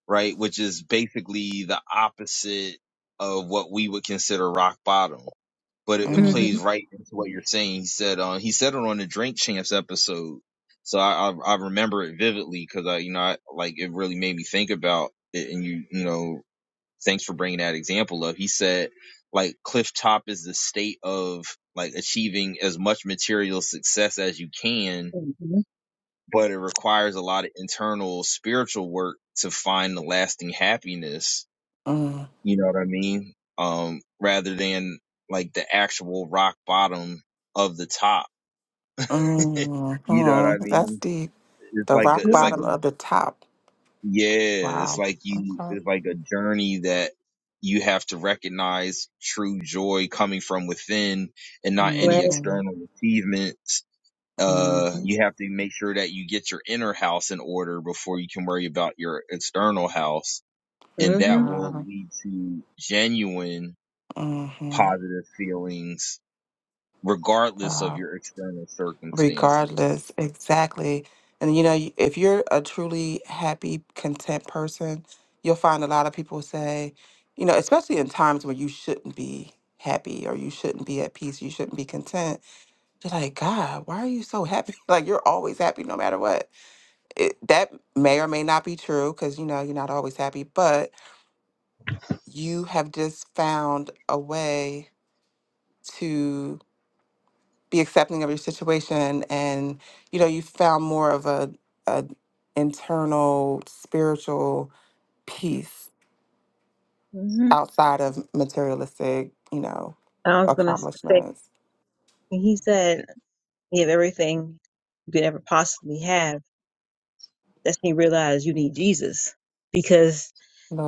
S1: right? Which is basically the opposite of what we would consider rock bottom but it, it
S3: mm,
S1: plays
S2: Mm-hmm.
S1: right into what you're saying. He said, uh, he said it on the Drink Champs episode. So I, I, I remember it vividly because I, you know, I, like it really made me think about it. And you, you know, thanks for bringing that example up. He said, like, cliff top is the state of like achieving as much material success as you can,
S2: Mm-hmm.
S1: but it requires a lot of internal spiritual work to find the lasting happiness
S3: mm,
S1: you know what I mean? Um, rather than like the actual rock bottom of the top. [laughs]
S3: mm,
S1: You know what I
S3: mm. that's
S1: mean?
S3: deep.
S1: It's
S3: The
S1: like a,
S3: rock
S1: it's
S2: Yeah.
S1: like a
S3: bottom of the top.
S1: yeah, it's
S3: Wow.
S1: like you
S3: Okay.
S1: it's like a journey that you have to recognize true joy coming from within and not
S3: hmm
S1: any external achievements. Uh,
S3: hmm
S1: you have to make sure that you get your inner house in order before you can worry about your external house. And
S2: Right.
S1: that
S3: Wow.
S1: will lead to genuine
S3: hmm
S1: positive feelings regardless of
S3: Wow.
S1: your external circumstances.
S3: Regardless, exactly. And you know, y- if you're a truly happy, content person, you'll find a lot of people say, you know, especially in times when you shouldn't be happy or you shouldn't be at peace, you shouldn't be content. You're like, God, why are you so happy? [laughs] Like you're always happy no matter what. It, that may or may not be true because you know you're not always happy, but you have just found a way be accepting of your situation and you know you found more of a, a internal spiritual peace
S2: hmm
S3: outside of materialistic you know
S2: I was gonna say
S3: accomplishments
S2: when he said you have everything you could ever possibly have. That's when you realize you need Jesus because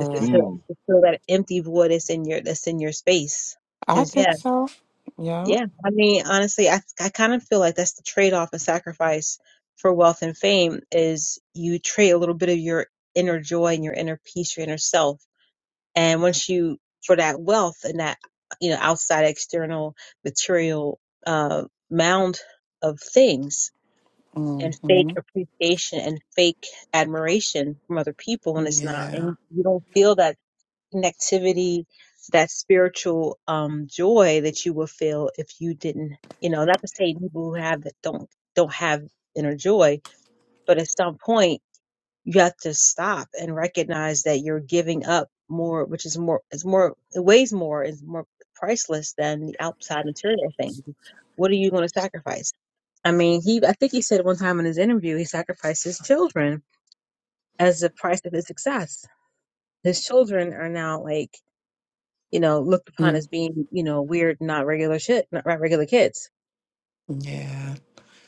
S2: to fulfill,
S1: Mm.
S2: to fill that empty void that's in your that's in your space.
S3: i
S2: Because
S3: think
S2: yeah,
S3: so yeah
S2: yeah. I mean, honestly, I I kind of feel like that's the trade off and sacrifice for wealth and fame is you trade a little bit of your inner joy and your inner peace, your inner self And once you, for that wealth and that, you know, outside external material uh, mound of things
S3: hmm
S2: and fake appreciation and fake admiration from other people when it's not,
S3: yeah
S2: and you don't feel that connectivity, that spiritual um, joy that you will feel if you didn't, you know, not to say people who have it don't, don't have inner joy, but at some point, you have to stop and recognize that you're giving up more, which is more, it's more, it weighs more, is more priceless than the outside material thing. What are you going to sacrifice? I mean, he, I think he said one time in his interview, he sacrificed his children as the price of his success. His children are now like, you know, looked upon
S3: Mm.
S2: as being, you know, weird, not regular shit, not regular kids
S3: yeah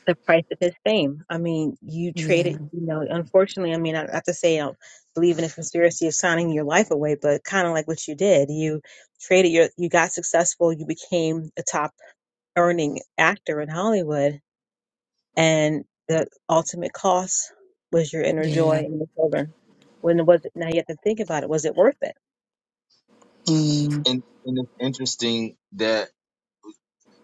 S2: the price of his fame. I mean, you traded,
S3: yeah
S2: you know, unfortunately, I mean, I have to say, I don't believe in a conspiracy of signing your life away, but kind of like what you did. You traded your, you got successful, you became a top earning actor in Hollywood, and the ultimate cost was your inner joy
S3: yeah
S2: and your children. When it was, now you have to think about it. Was it worth it?
S3: mm.
S1: And and it's interesting that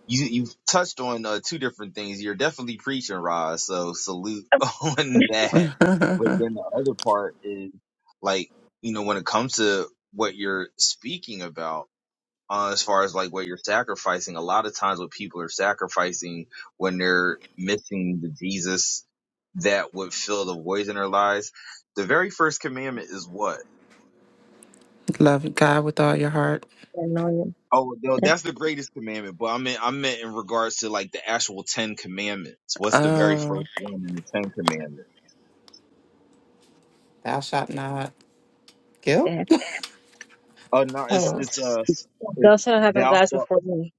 S1: you you've touched on uh, two different things. You're definitely preaching, Roz. So salute [laughs] on that. But
S3: [laughs]
S1: then the other part is like you know when it comes to what you're speaking about. Uh, as far as like what you're sacrificing, a lot of times what people are sacrificing when they're missing the Jesus that would fill the voids in their lives. The very first commandment is what?
S3: love god with all your heart
S2: And all you,
S1: Oh, no,
S2: yeah.
S1: that's the greatest commandment. But I meant I meant in regards to like the actual Ten Commandments. What's the very
S3: uh
S1: first one in the Ten Commandments?
S3: thou shalt not guilt
S2: yeah.
S1: Oh no,
S3: [laughs]
S1: it's
S3: Uh,
S1: it's uh it's
S2: Those who have them
S1: thou
S2: guys
S1: shalt.
S2: before me.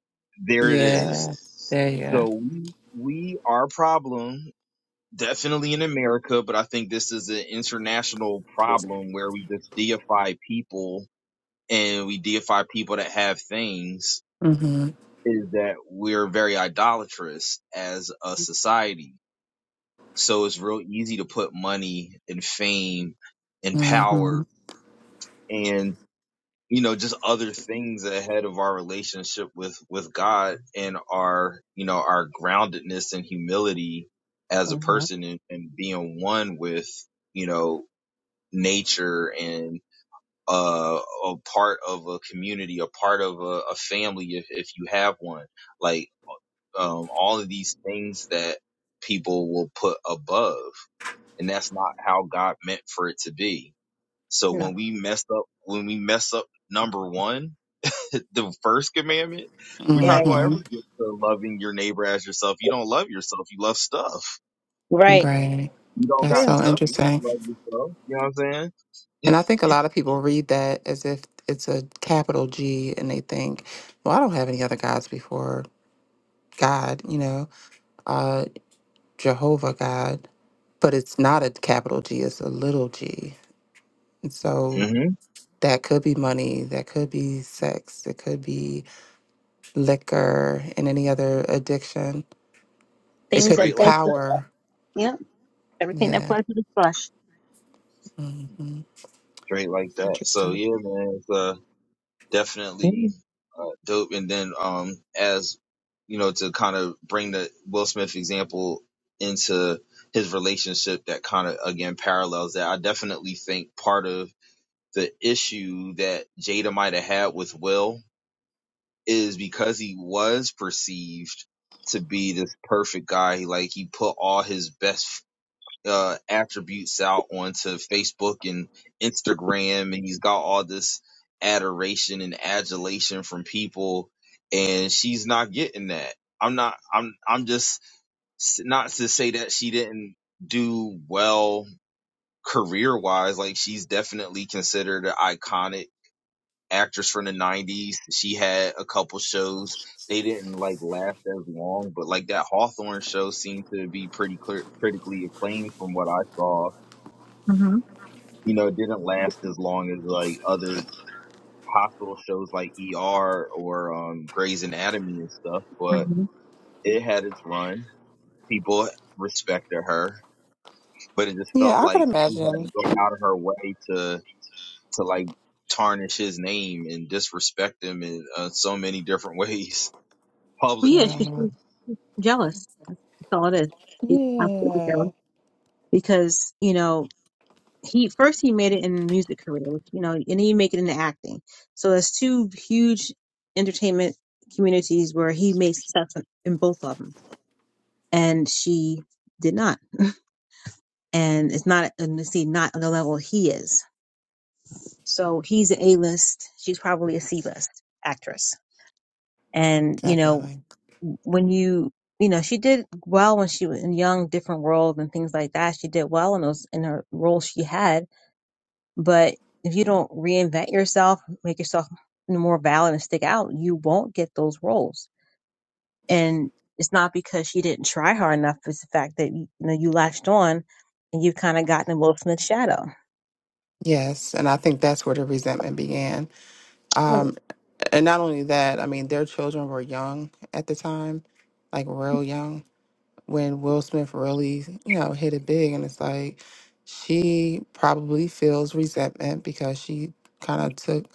S1: There it is.
S3: yeah there
S1: So we we our problem definitely in America, but I think this is an international problem where we just deify people and we deify people that have things.
S3: you go
S1: Is that we're very idolatrous as a society So it's real easy to put money and fame and power
S3: Mm-hmm.
S1: and, you know, just other things ahead of our relationship with, with God and our, you know, our groundedness and humility as a
S2: hmm
S1: person and, and being one with, you know, nature and, uh, a part of a community, a part of a, a family if, if you have one. Like, um, all of these things that people will put above and that's not how God meant for it to be. So
S2: No.
S1: when we mess up, when we mess up number one, [laughs] the first commandment, we're not
S2: Right.
S1: going to ever
S3: Mm-hmm.
S1: get to loving your neighbor as yourself. You don't love yourself. You love stuff.
S2: Right.
S3: Right.
S1: You don't
S3: That's
S1: got
S2: True.
S3: so
S1: stuff. You
S3: interesting.
S1: don't love yourself. You know what I'm saying?
S3: And I think a lot of people read that as if it's a capital G and they think, well, I don't have any other gods before God, you know, uh, Jehovah God. But it's not a capital G, it's a little g. And so
S1: hmm
S3: that could be money, that could be sex, it could be liquor and any other addiction, it
S2: Things
S3: could
S2: that,
S3: be
S1: Straight like that.
S3: power.
S2: yeah. Everything that
S3: Yeah.
S2: fled to flushed.
S1: Straight like that. So
S3: Interesting.
S1: yeah, man. It's, uh,
S2: Yeah.
S1: definitely uh, dope. And then, um, as you know, to kind of bring the Will Smith example into his relationship, that kind of again parallels that. I definitely think part of the issue that Jada might have had with Will is because he was perceived to be this perfect guy. He, Like he put all his best uh, attributes out onto Facebook and Instagram, and he's got all this adoration and adulation from people, and she's not getting that. I'm not. I'm. I'm just s- not to say that she didn't do well career wise. Like she's definitely considered an iconic actress from the 90s she had a couple shows they didn't like last as long but like that hawthorne show seemed to be pretty clear critically acclaimed from what i saw
S2: hmm
S1: you know, it didn't last as long as like other hospital shows like ER or um Grey's Anatomy and stuff, but
S2: hmm
S1: it had its run. People respected her, but it just felt
S3: Yeah, I could
S1: like she had
S3: imagine.
S1: to go out of her way to to like tarnish his name and disrespect him in uh, so many different [laughs] ways
S2: Well, yeah, because
S1: publicly
S3: Wow.
S2: she's she's jealous. That's all it is. She's absolutely
S3: Yeah,
S2: jealous because you know he first he made it in the music career, which, you know, and then he make it into acting. So that's two huge entertainment communities where he made success in in both of them, and she did not. And it's not, and you see, not on the level he is. So he's an A list. She's probably a C list actress. And you know.
S3: definitely.
S2: when you you know she did well when she was in young different world and things like that she did well in those in her roles she had but if you don't reinvent yourself make yourself more valid and stick out you won't get those roles and it's not because she didn't try hard enough it's the fact that you know you latched on and you've kind of gotten in will smith's shadow
S3: Yes, and I think that's where the resentment began. Um, and not only that, I mean, their children were young at the time, like real young, when Will Smith really, you know, hit it big. And it's like she probably feels resentment because she kind of took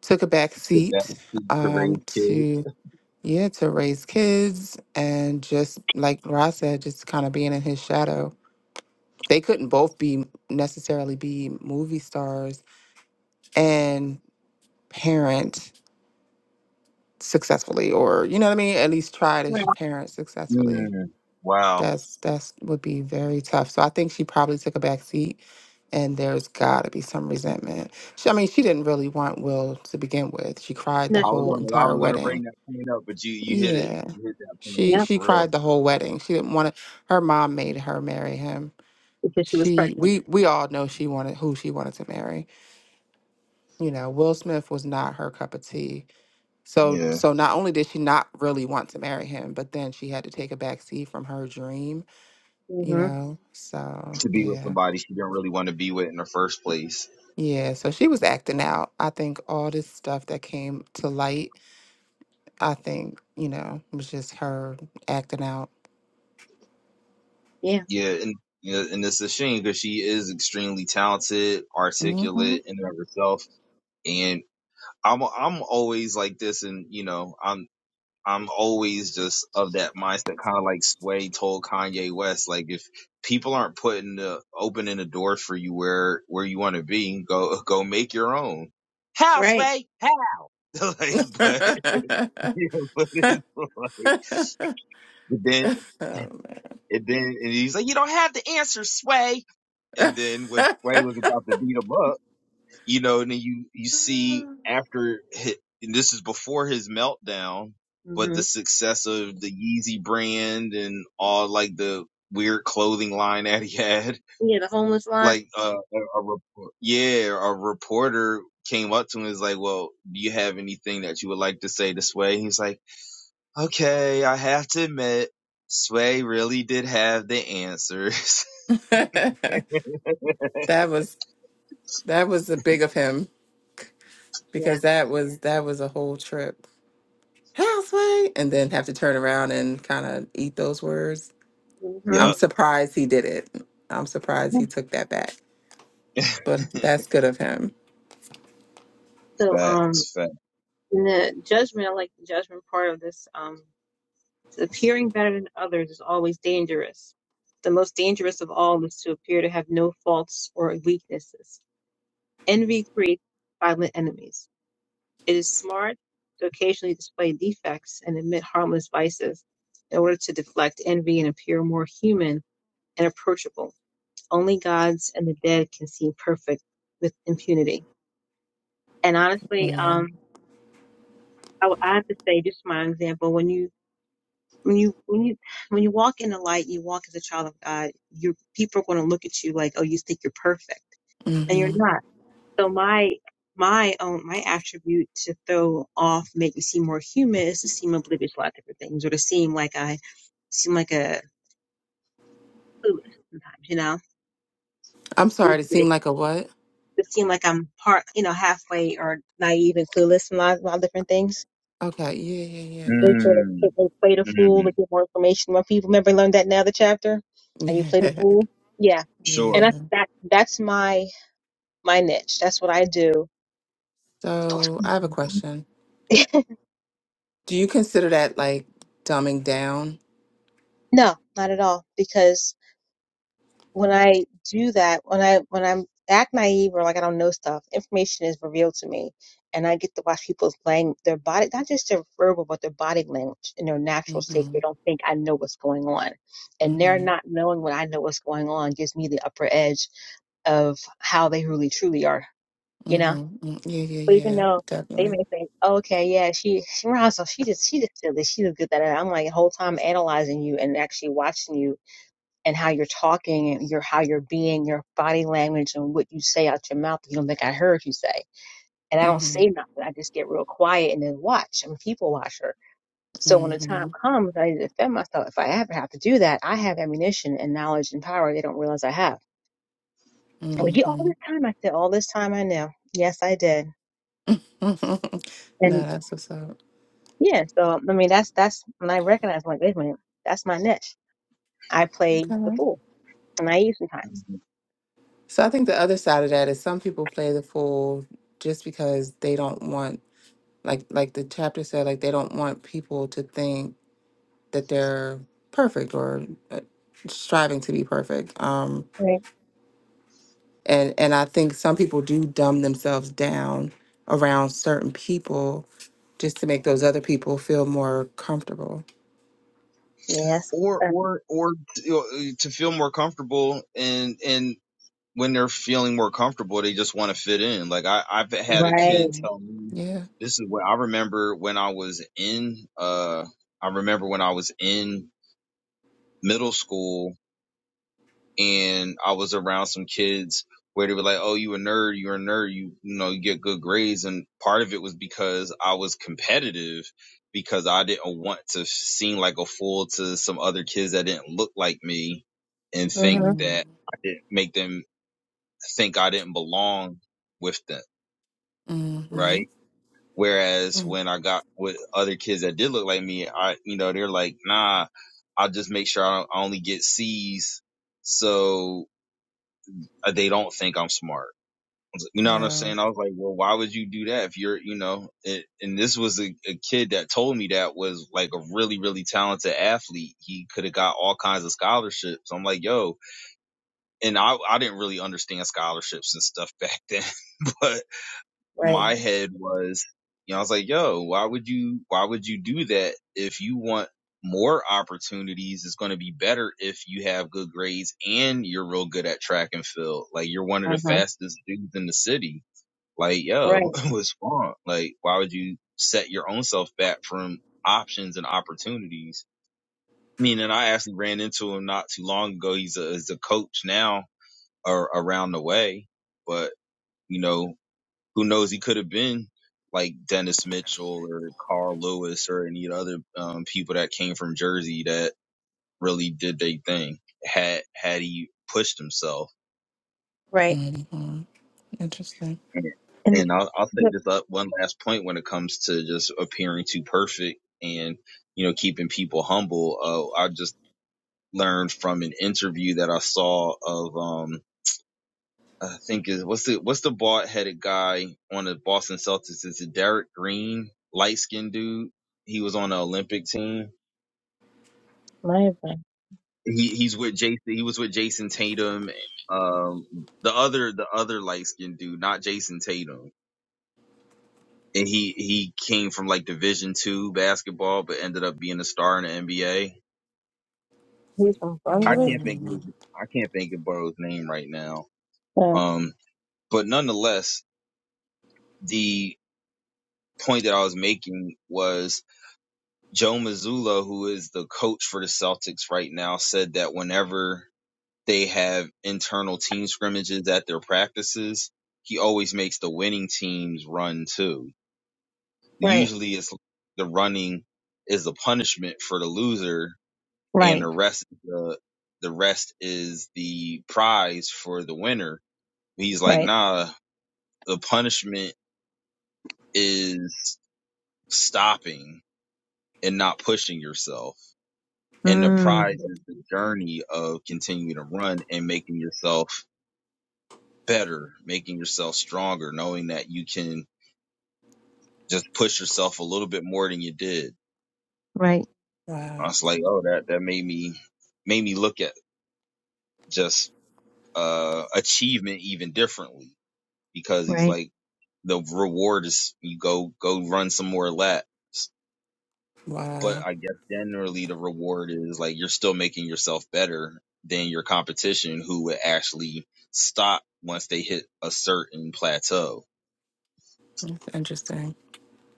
S3: took a back
S1: to that
S3: seat
S1: to
S3: um,
S1: raise kids.
S3: to yeah to raise kids and just like Ross said, just kind of being in his shadow they couldn't both be necessarily be movie stars and parent successfully or you know what I mean at least try to sh- parent successfully
S1: Mm, wow.
S3: that's that's would be very tough so I think she probably took a back seat and there's got to be some resentment she, I mean she didn't really want Will to begin with she cried the
S2: No,
S1: I
S2: she
S1: was
S3: whole
S1: gonna
S2: didn't.
S1: I
S3: entire
S1: was gonna bring
S3: wedding
S1: that point up, but you you hit it
S3: yeah
S1: you hit that point
S3: she
S2: Yeah,
S3: she
S1: for real.
S3: cried the whole wedding she didn't want to her mom made her marry him
S2: because she was
S3: she
S2: pregnant.
S3: we we all know she wanted who she wanted to marry you know, Will Smith was not her cup of tea. So
S1: Yeah.
S3: so not only did she not really want to marry him, but then she had to take a back seat from her dream, you
S2: hmm
S3: know. So
S1: to be with
S3: yeah.
S1: somebody she didn't really want to be with in the first place.
S3: Yeah. So she was acting out. I think all this stuff that came to light, I think, you know, was just her acting out.
S2: yeah
S1: Yeah, and yeah, and it's a shame because she is extremely talented,
S3: hmm
S1: articulate in and of herself. And I'm I'm always like this, and you know I'm. I'm always just of that mindset, kind of like Sway told Kanye West, like if people aren't putting the opening the doors for you where where you want to be, go go make your own. How
S2: right
S1: Sway? How? [laughs] like,
S3: [laughs]
S1: but,
S3: that
S1: [laughs] but it's like, but then And then and he's like, you don't have the answer, Sway. And then when Sway was about to beat him up, you know, and then you you see after hi and this is before his meltdown, but
S2: hmm
S1: the success of the Yeezy brand and all like the weird clothing line [laughs] that he had,
S2: yeah the homeless line
S1: like uh, a, a yeah, a reporter came up to him and was like, well, do you have anything that you would like to say to Sway? He's like, okay, I have to admit. Sway really did have the answers. [laughs]
S3: was that was the big of him
S2: yeah
S3: because that was that was a whole trip. houseway and then have to turn around and kind of eat those words.
S2: hmm
S3: I'm
S1: Yup.
S3: surprised he did it. I'm surprised
S2: hmm
S3: he took that back,
S1: [laughs]
S3: but
S1: facts.
S3: that's good of him.
S2: So, um,
S1: Facts.
S2: And the judgment, I like the judgment part of this. Um, appearing better than others is always dangerous. The most dangerous of all is to appear to have no faults or weaknesses. Envy creates violent enemies. It is smart to occasionally display defects and admit harmless vices in order to deflect envy and appear more human and approachable. Only gods and the dead can seem perfect with impunity. And honestly,
S3: Yeah.
S2: um, I, I have to say, just my example, when you when you when you when you walk in the light, you walk as a child of God. Your people are going to look at you like, oh, you think you're perfect, and you're
S3: hmm
S2: not. So my my own my attribute to throw off, make me seem more human, is to seem oblivious to a lot of different things, or to seem like I seem like a clueless sometimes, you know.
S3: I'm sorry to seem
S2: To
S3: like a what?
S2: seem like I'm part, you know, halfway or naive and clueless in a lot, a lot of different things
S3: Okay. Yeah, yeah, yeah.
S2: We
S3: Got
S2: feel
S3: you.
S2: like
S1: Mm,
S2: they play the fool to
S1: mm,
S2: get more information from people. Remember, learned that in the other chapter. How you
S3: [laughs]
S2: play the fool? Yeah,
S3: Yeah.
S1: sure.
S2: and that's
S3: yeah.
S2: that. That's my my niche. That's what I do. [laughs]
S3: So I have a question. Do you consider that like dumbing down?
S2: no, not at all. Because when I do that, when I when I'm act naive or like I don't know stuff, information is revealed to me, and I get to watch people's lang their body, not just their verbal, but their body language in their natural state.
S3: Mm-hmm.
S2: They don't think I know what's going on, and their
S3: Mm-hmm.
S2: not knowing what I know what's going on gives me the upper edge of how they really truly are, you know?
S3: Mm-hmm. Mm, Yeah,
S2: But
S3: yeah,
S2: even
S3: yeah.
S2: though they
S3: Definitely.
S2: may think, okay, yeah, she, she Ronzo, she just, she just did this, she just good that. And I'm like, the whole time analyzing you and actually watching you and how you're talking and your, how you're being, your body language and what you say out your mouth. that You don't think I heard you say. And I don't
S3: Mm-hmm.
S2: say nothing. I just get real quiet and then watch. I'm a people watcher. So when the
S3: Mm-hmm.
S2: time comes, I need to defend myself. If I ever have to do that, I have ammunition and knowledge and power they don't realize I have Well, you all
S3: Mm-hmm.
S2: this time I said all this time I knew. Yes, I did.
S3: [laughs] no,
S2: And
S3: that's what's up.
S2: yeah, so I mean that's that's when I recognized. like, wait a minute, that's my niche. I play the
S3: Okay.
S2: fool. And I naive sometimes.
S1: Mhm.
S3: So I think the other side of that is some people play the fool just because they don't want like like the chapter said like they don't want people to think that they're perfect or uh, striving to be perfect. Um
S2: Right.
S3: and and I think some people do dumb themselves down around certain people just to make those other people feel more comfortable.
S2: Yes.
S1: Or
S2: Uh,
S1: or or you know, to feel more comfortable and and when they're feeling more comfortable, they just want to fit in. Like I I've had a
S2: right.
S1: kid
S3: Mhm.
S1: tell me
S3: Yeah.
S1: this is what I remember when I was in uh I remember when I was in middle school and I was around some kids where they were like, "Oh, you a nerd? You're a nerd. You you know you get good grades." And part of it was because I was competitive because I didn't want to seem like a fool to some other kids that didn't look like me and think
S2: Mm-hmm.
S3: Mm-hmm.
S1: that I didn't make them think I didn't belong with them,
S3: Mm-hmm.
S1: right? Whereas when I got with other kids that did look like me, I, you know, they're like, nah, I'll just make sure I, don't, I only get C's. So uh, they don't think I'm smart. You know what I'm
S3: Wow.
S1: saying? I was like, well, why would you do that if you're, you know, it, and this was a, a kid that told me that was like a really, really talented athlete. He could have got all kinds of scholarships. I'm like, yo, and I, I didn't really understand scholarships and stuff [laughs] back then, but
S2: Right.
S3: Right.
S1: my head was, you know, I was like, yo, why would you, why would you do that if you want more opportunities? It's going to be better if you have good grades and you're real good at track and field. Like you're one of the
S2: Mm-hmm.
S1: fastest dudes in the city. Like, yo,
S2: Right.
S1: [laughs] what's wrong? Like, why would you set your own self back from options and opportunities? I mean, and I actually ran into him not too long ago. He's a, he's a coach now or around the way, but you know, who knows he could have been like Dennis Mitchell or Carl Lewis or any other um, people that came from Jersey that really did their thing had had he pushed himself.
S2: Right.
S3: hmm Interesting.
S1: And,
S2: And it's
S1: and I'll, I'll say
S2: look,
S1: this up one last point when it comes to just appearing too perfect and you know keeping people humble. Uh, I just learned from an interview that I saw of um, I think is what's the what's the bald headed guy on the Boston Celtics? Is it Derek Green, light skinned dude? He was on the Olympic team.
S2: my husband,
S1: He he's with Jason. He was with Jason Tatum. Um, the other the other light skinned dude, not Jason Tatum. And he he came from like Division two basketball, but ended up being a star in the NBA.
S2: he's from
S1: I
S2: Brunswick.
S1: can't think
S3: Mm,
S1: of his, I can't think of Burrow's name right now.
S2: Uh,
S1: Um, but nonetheless, the point that I was making was Joe Mazzulla, who is the coach for the Celtics right now, said that whenever they have internal team scrimmages at their practices, he always makes the winning teams run too.
S2: right.
S1: Usually it's the running is the punishment for the loser and
S2: Right.
S1: the rest the the rest is the prize for the winner. He's like,
S2: Right.
S1: nah, the punishment is stopping and not pushing yourself. And the
S2: Mm.
S1: prize is the journey of continuing to run and making yourself better, making yourself stronger, knowing that you can just push yourself a little bit more than you did.
S2: Right.
S1: I
S3: Wow.
S1: was like, oh, that, that made me, made me look at just, uh, achievement even differently because he's
S2: Right.
S1: like, the reward is you go, go run some more laps But
S3: Wow.
S1: I guess generally the reward is like you're still making yourself better than your competition who would actually stop once they hit a certain plateau.
S3: That's interesting.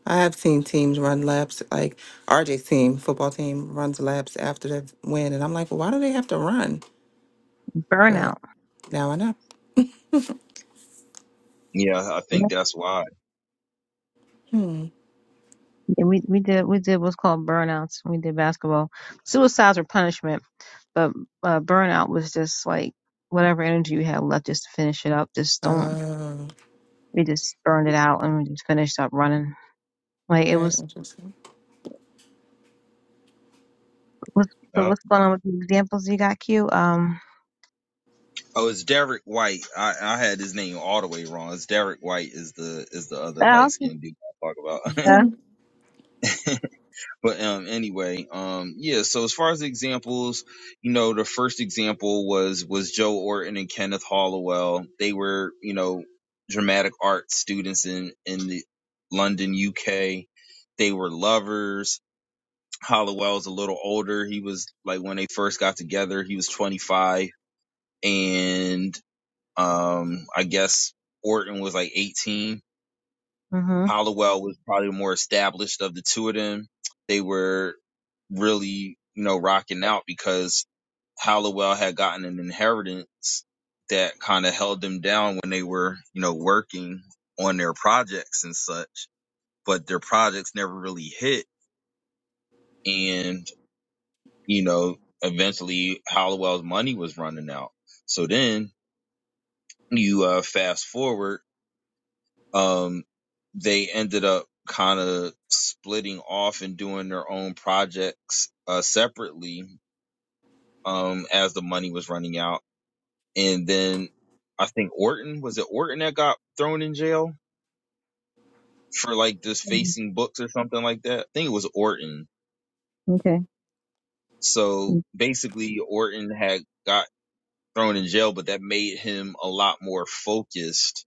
S3: I have seen teams run laps, like RJ's team, football team, runs laps after they win. And I'm like, well, why do they have to run? But
S2: Burnout.
S3: now I know.
S1: Yeah, I
S2: Yeah.
S1: think that's why.
S3: Hmm.
S2: We we did we did what's called burnouts. We did basketball. Suicides were punishment But uh, burnout was just like whatever energy you had left just to finish it up. Just don't.
S3: Oh,
S2: We just burned it out and we just finished up running. Like it
S3: very
S2: was.
S3: interesting. [laughs]
S2: What's, so
S1: Yep.
S2: what's going on with the examples you got, Q? Um.
S1: Oh, it's Derek White. I, I had his name all the way wrong. It's Derek White is the is the other light skinned dude I talk about.
S2: Yeah.
S3: Mhm.
S1: [laughs] But um, anyway, um, yeah. So as far as examples, you know, the first example was was Joe Orton and Kenneth Halliwell. They were, you know, dramatic art students in in the London, UK. They were lovers. Halliwell's a little older. He was like when they first got together, he was 25, and um, I guess Orton was like 18
S2: Mhm.
S1: Hollowell was probably more established of the two of them. They were really, you know, rocking out because Hollowell had gotten an inheritance that kind of held them down when they were, you know, working on their projects and such, but their projects never really hit. And, you know, eventually Hollowell's money was running out. So then you uh, fast forward um, they ended up kind of splitting off and doing their own projects uh, separately um, as the money was running out. And then I think Orton was it Orton that got thrown in jail for like just
S2: Mm,
S1: facing books or something like that. I think it was Orton.
S2: Okay.
S1: So
S2: Mm,
S1: basically, Orton had got thrown in jail, but that made him a lot more focused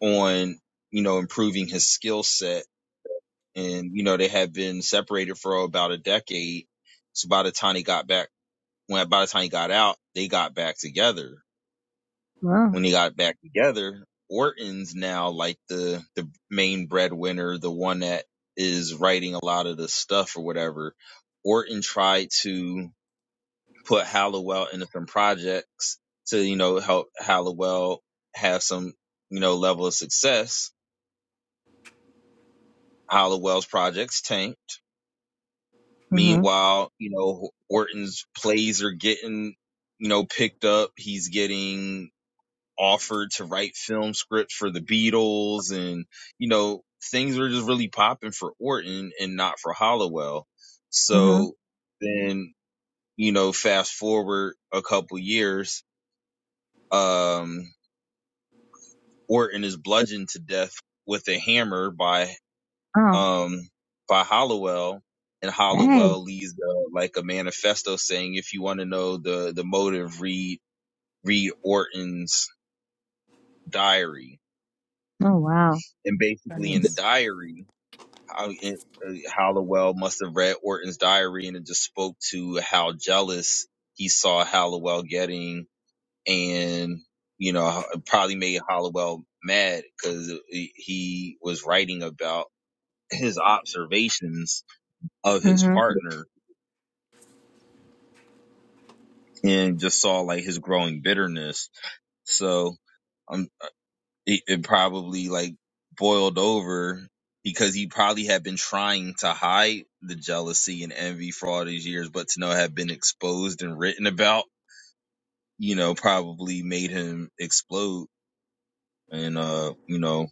S1: on you know improving his skill set and you know they had been separated for about a decade. So by the time he got back, when by the time he got out, they got back together.
S2: Wow.
S1: When he got back together, Orton's now like the the main breadwinner, the one that is writing a lot of the stuff or whatever. Orton tried to put Halliwell into some projects to you know help Halliwell have some you know level of success. Halliwell's projects tanked
S2: Mhm.
S1: Meanwhile, you know, Orton's plays are getting, you know, picked up. He's getting offered to write film scripts for the Beatles and, you know, things were just really popping for Orton and not for Hollowell.
S2: Mhm.
S1: So then, you know, fast forward a couple years, um, Orton is bludgeoned to death with a hammer by
S2: Oh.
S1: um, by Hollowell, and
S2: Hey.
S1: Hollowell leaves uh, like a manifesto saying, if you want to know the the motive, read read Orton's diary.
S2: Oh wow.
S1: And basically, in the
S3: Goodness.
S1: diary, how, in, uh, Hollowell must have read Orton's diary, and it just spoke to how jealous he saw Hollowell getting, and you know, it probably made Hollowell mad because he he was writing about his observations of his
S2: Mhm.
S1: partner and just saw like his growing bitterness. So um, it, it probably like boiled over because he probably had been trying to hide the jealousy and envy for all these years, but to know it had been exposed and written about, you know, probably made him explode and uh, you know,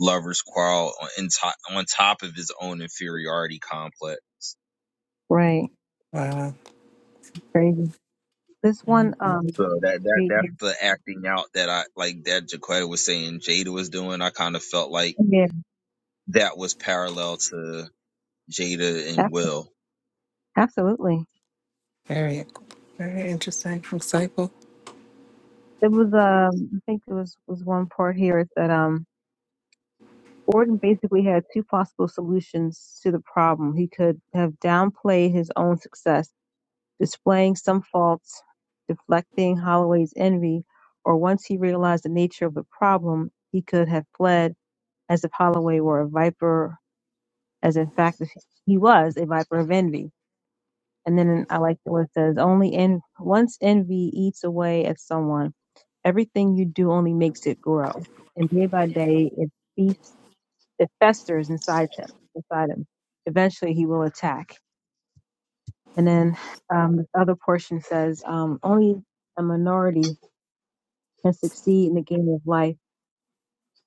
S1: lovers quarrel on in to- on top of his own inferiority complex.
S2: Right.
S3: Wow.
S2: Crazy. This
S3: hmm
S2: one. Um.
S1: So that that
S2: Read
S1: that's
S2: here.
S1: the acting out that I like that Jaquetta was saying Jada was doing. I kind of felt like
S2: Yeah.
S1: that was parallel to Jada
S2: ab-
S1: and Will.
S2: Absolutely.
S3: Very, very interesting. Insightful.
S2: It was. Um. I think there was was one part here that um Orton basically had two possible solutions to the problem. He could have downplayed his own success, displaying some faults, deflecting Holloway's envy, or once he realized the nature of the problem, he could have fled as if Holloway were a viper, as in fact if he was a viper of envy. And then I like the way it says, only en- once envy eats away at someone, everything you do only makes it grow. And day by day, it feasts it festers inside him, inside him. Eventually, he will attack. And then um, the other portion says, um, only a minority can succeed in the game of life,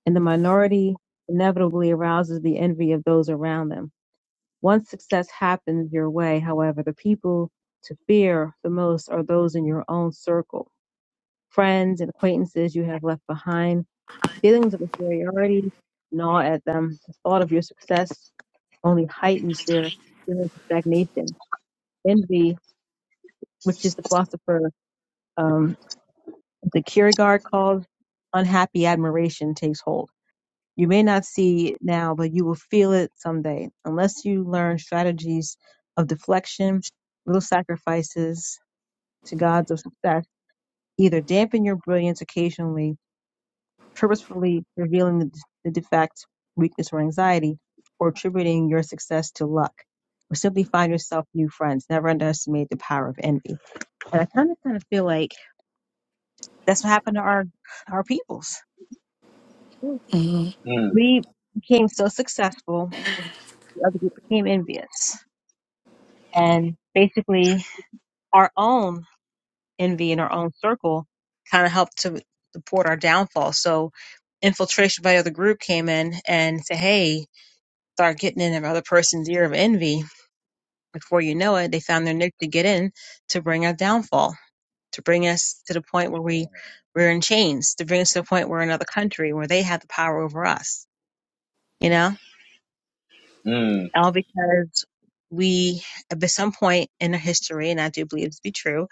S2: and the minority inevitably arouses the envy of those around them. Once success happens your way, however, the people to fear the most are those in your own circle, friends and acquaintances you have left behind. Feelings of inferiority gnaw at them. The thought of your success only heightens their feeling of stagnation. Envy, which is the philosopher um, the Kierkegaard calls unhappy admiration, takes hold. You may not see it now, but you will feel it someday unless you learn strategies of deflection, little sacrifices to God's of success. Either dampen your brilliance occasionally purposefully revealing the, the defect, weakness, or anxiety, or attributing your success to luck, or simply find yourself new friends. Never underestimate the power of envy. And I kind of kind of feel like that's what happened to our our peoples.
S3: Mm-hmm.
S1: Mm,
S2: We became so successful, the other group became envious, and basically our own envy in our own circle kind of helped to support our downfall. So infiltration by the other group came in and said, "Hey." start getting in another person's ear of envy. Before you know it, they found their nook to get in to bring our downfall, to bring us to the point where we we're in chains, to bring us to the point where we're in another country where they have the power over us. You know,
S1: mm,
S2: all because we, at some point in our history, and I do believe this to be true,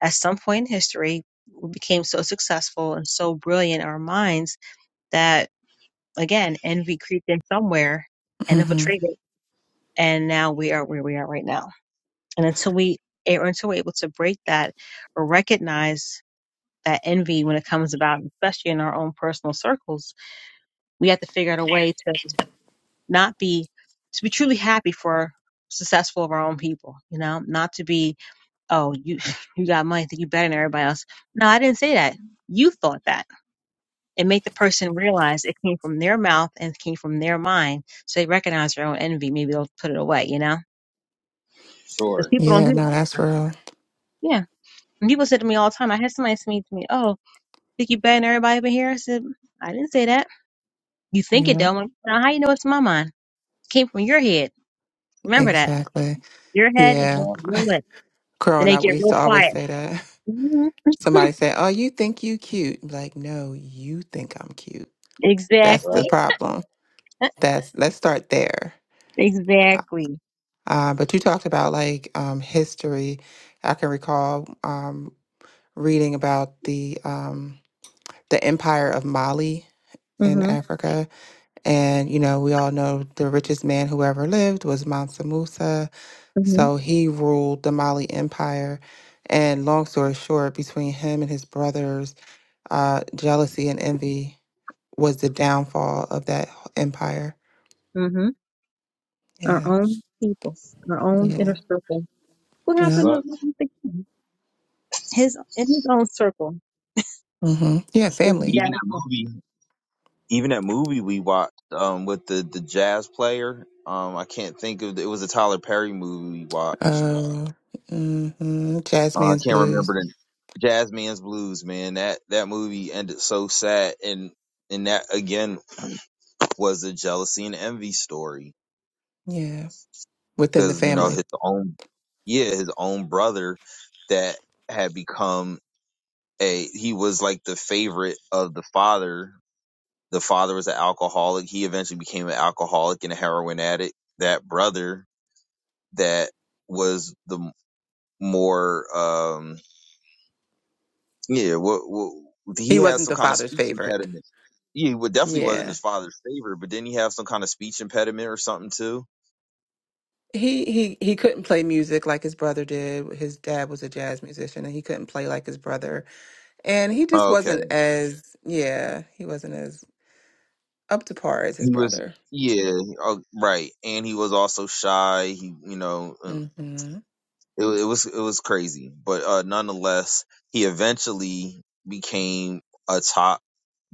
S2: at some point in history, we became so successful and so brilliant in our minds that again envy creeped in somewhere and
S3: Mm-hmm.
S2: infiltrated, and now we are where we are right now And until we or until we're able to break that or recognize that envy when it comes about, especially in our own personal circles, we have to figure out a way to not be to be truly happy for successful of our own people, you know, not to be, oh, you [laughs] you got money, think you better than everybody else. No, I didn't say that. You thought that. And make the person realize it came from their mouth and it came from their mind. So they recognize their own envy. Maybe they'll put it away, you know? Because
S1: sure.
S2: people don't
S3: Yeah,
S2: do
S3: no,
S2: it.
S3: that's real.
S2: Yeah. And people say to me all the time, I had somebody say to me, oh, Think you better than everybody up in here? I said, I didn't say that. You think it
S3: Yeah,
S2: though. I'm like, now how you know it's my mind? It came from your head. Remember that.
S3: exactly.
S2: Your head and
S3: Yeah.
S2: came
S1: Well,
S2: from your lips. Then
S3: Growing
S2: they
S3: up,
S2: get
S3: we used
S2: real
S3: to always
S2: quiet.
S3: say that.
S2: hmm [laughs]
S3: Somebody say, "Oh, you think you cute?" I'm like, no, you think I'm cute. That's
S1: right.
S3: the
S2: exactly.
S3: problem. That's let's start there. Uh,
S2: Exactly.
S3: uh, but you talked about like um, history. I can recall um, reading about the um, the Empire of Mali in
S2: hmm
S3: Africa, and you know we all know the richest man who ever lived was Mansa Musa.
S2: hmm
S3: So he ruled the Mali Empire. And long story short, between him and his brothers, uh, jealousy and envy was the downfall of that empire.
S2: hmm Our
S3: Yeah,
S2: own people, our own inner
S3: yeah,
S2: circle. What
S3: yeah.
S2: happened to
S1: Sucks.
S2: Martin Luther King? His in his own circle
S3: hmm Yeah,
S2: was
S3: family.
S1: Even that
S2: doubtful.
S1: movie, even that movie we watched um, with the the jazz player. Um, I can't think of it was a Tyler Perry movie we watched.
S3: Uh, hmm
S1: Uh, I
S3: Jasmine's
S1: can't remember
S3: blues.
S1: the Jazz Man's Blues. Man, that that movie ended so sad, and and that again was a jealousy and envy story
S3: Yeah, within the
S1: because you know
S3: family.
S1: his own yeah his own brother that had become a he was like the favorite of the father. The father was an alcoholic. He eventually became an alcoholic and a heroin addict. That brother that was the more um yeah, what, what, he
S3: He
S1: had
S3: wasn't
S1: some
S3: the
S1: kind of
S3: father's
S1: speech
S3: favorite.
S1: impediment. Yeah, He wa- definitely wasn't
S3: Yeah.
S1: his father's favorite, but didn't he have some kind of speech impediment or something too?
S3: He, he he couldn't play music like his brother did. His dad was a jazz musician and he couldn't play like his brother. And he just
S1: Oh, okay,
S3: wasn't as yeah, he wasn't as up to par as
S1: he
S3: his
S1: was
S3: brother.
S1: yeah, oh, right, and he was also shy. He you know and
S3: Mhm.
S1: it, wa- it was it was crazy, but uh, nonetheless, he eventually became a top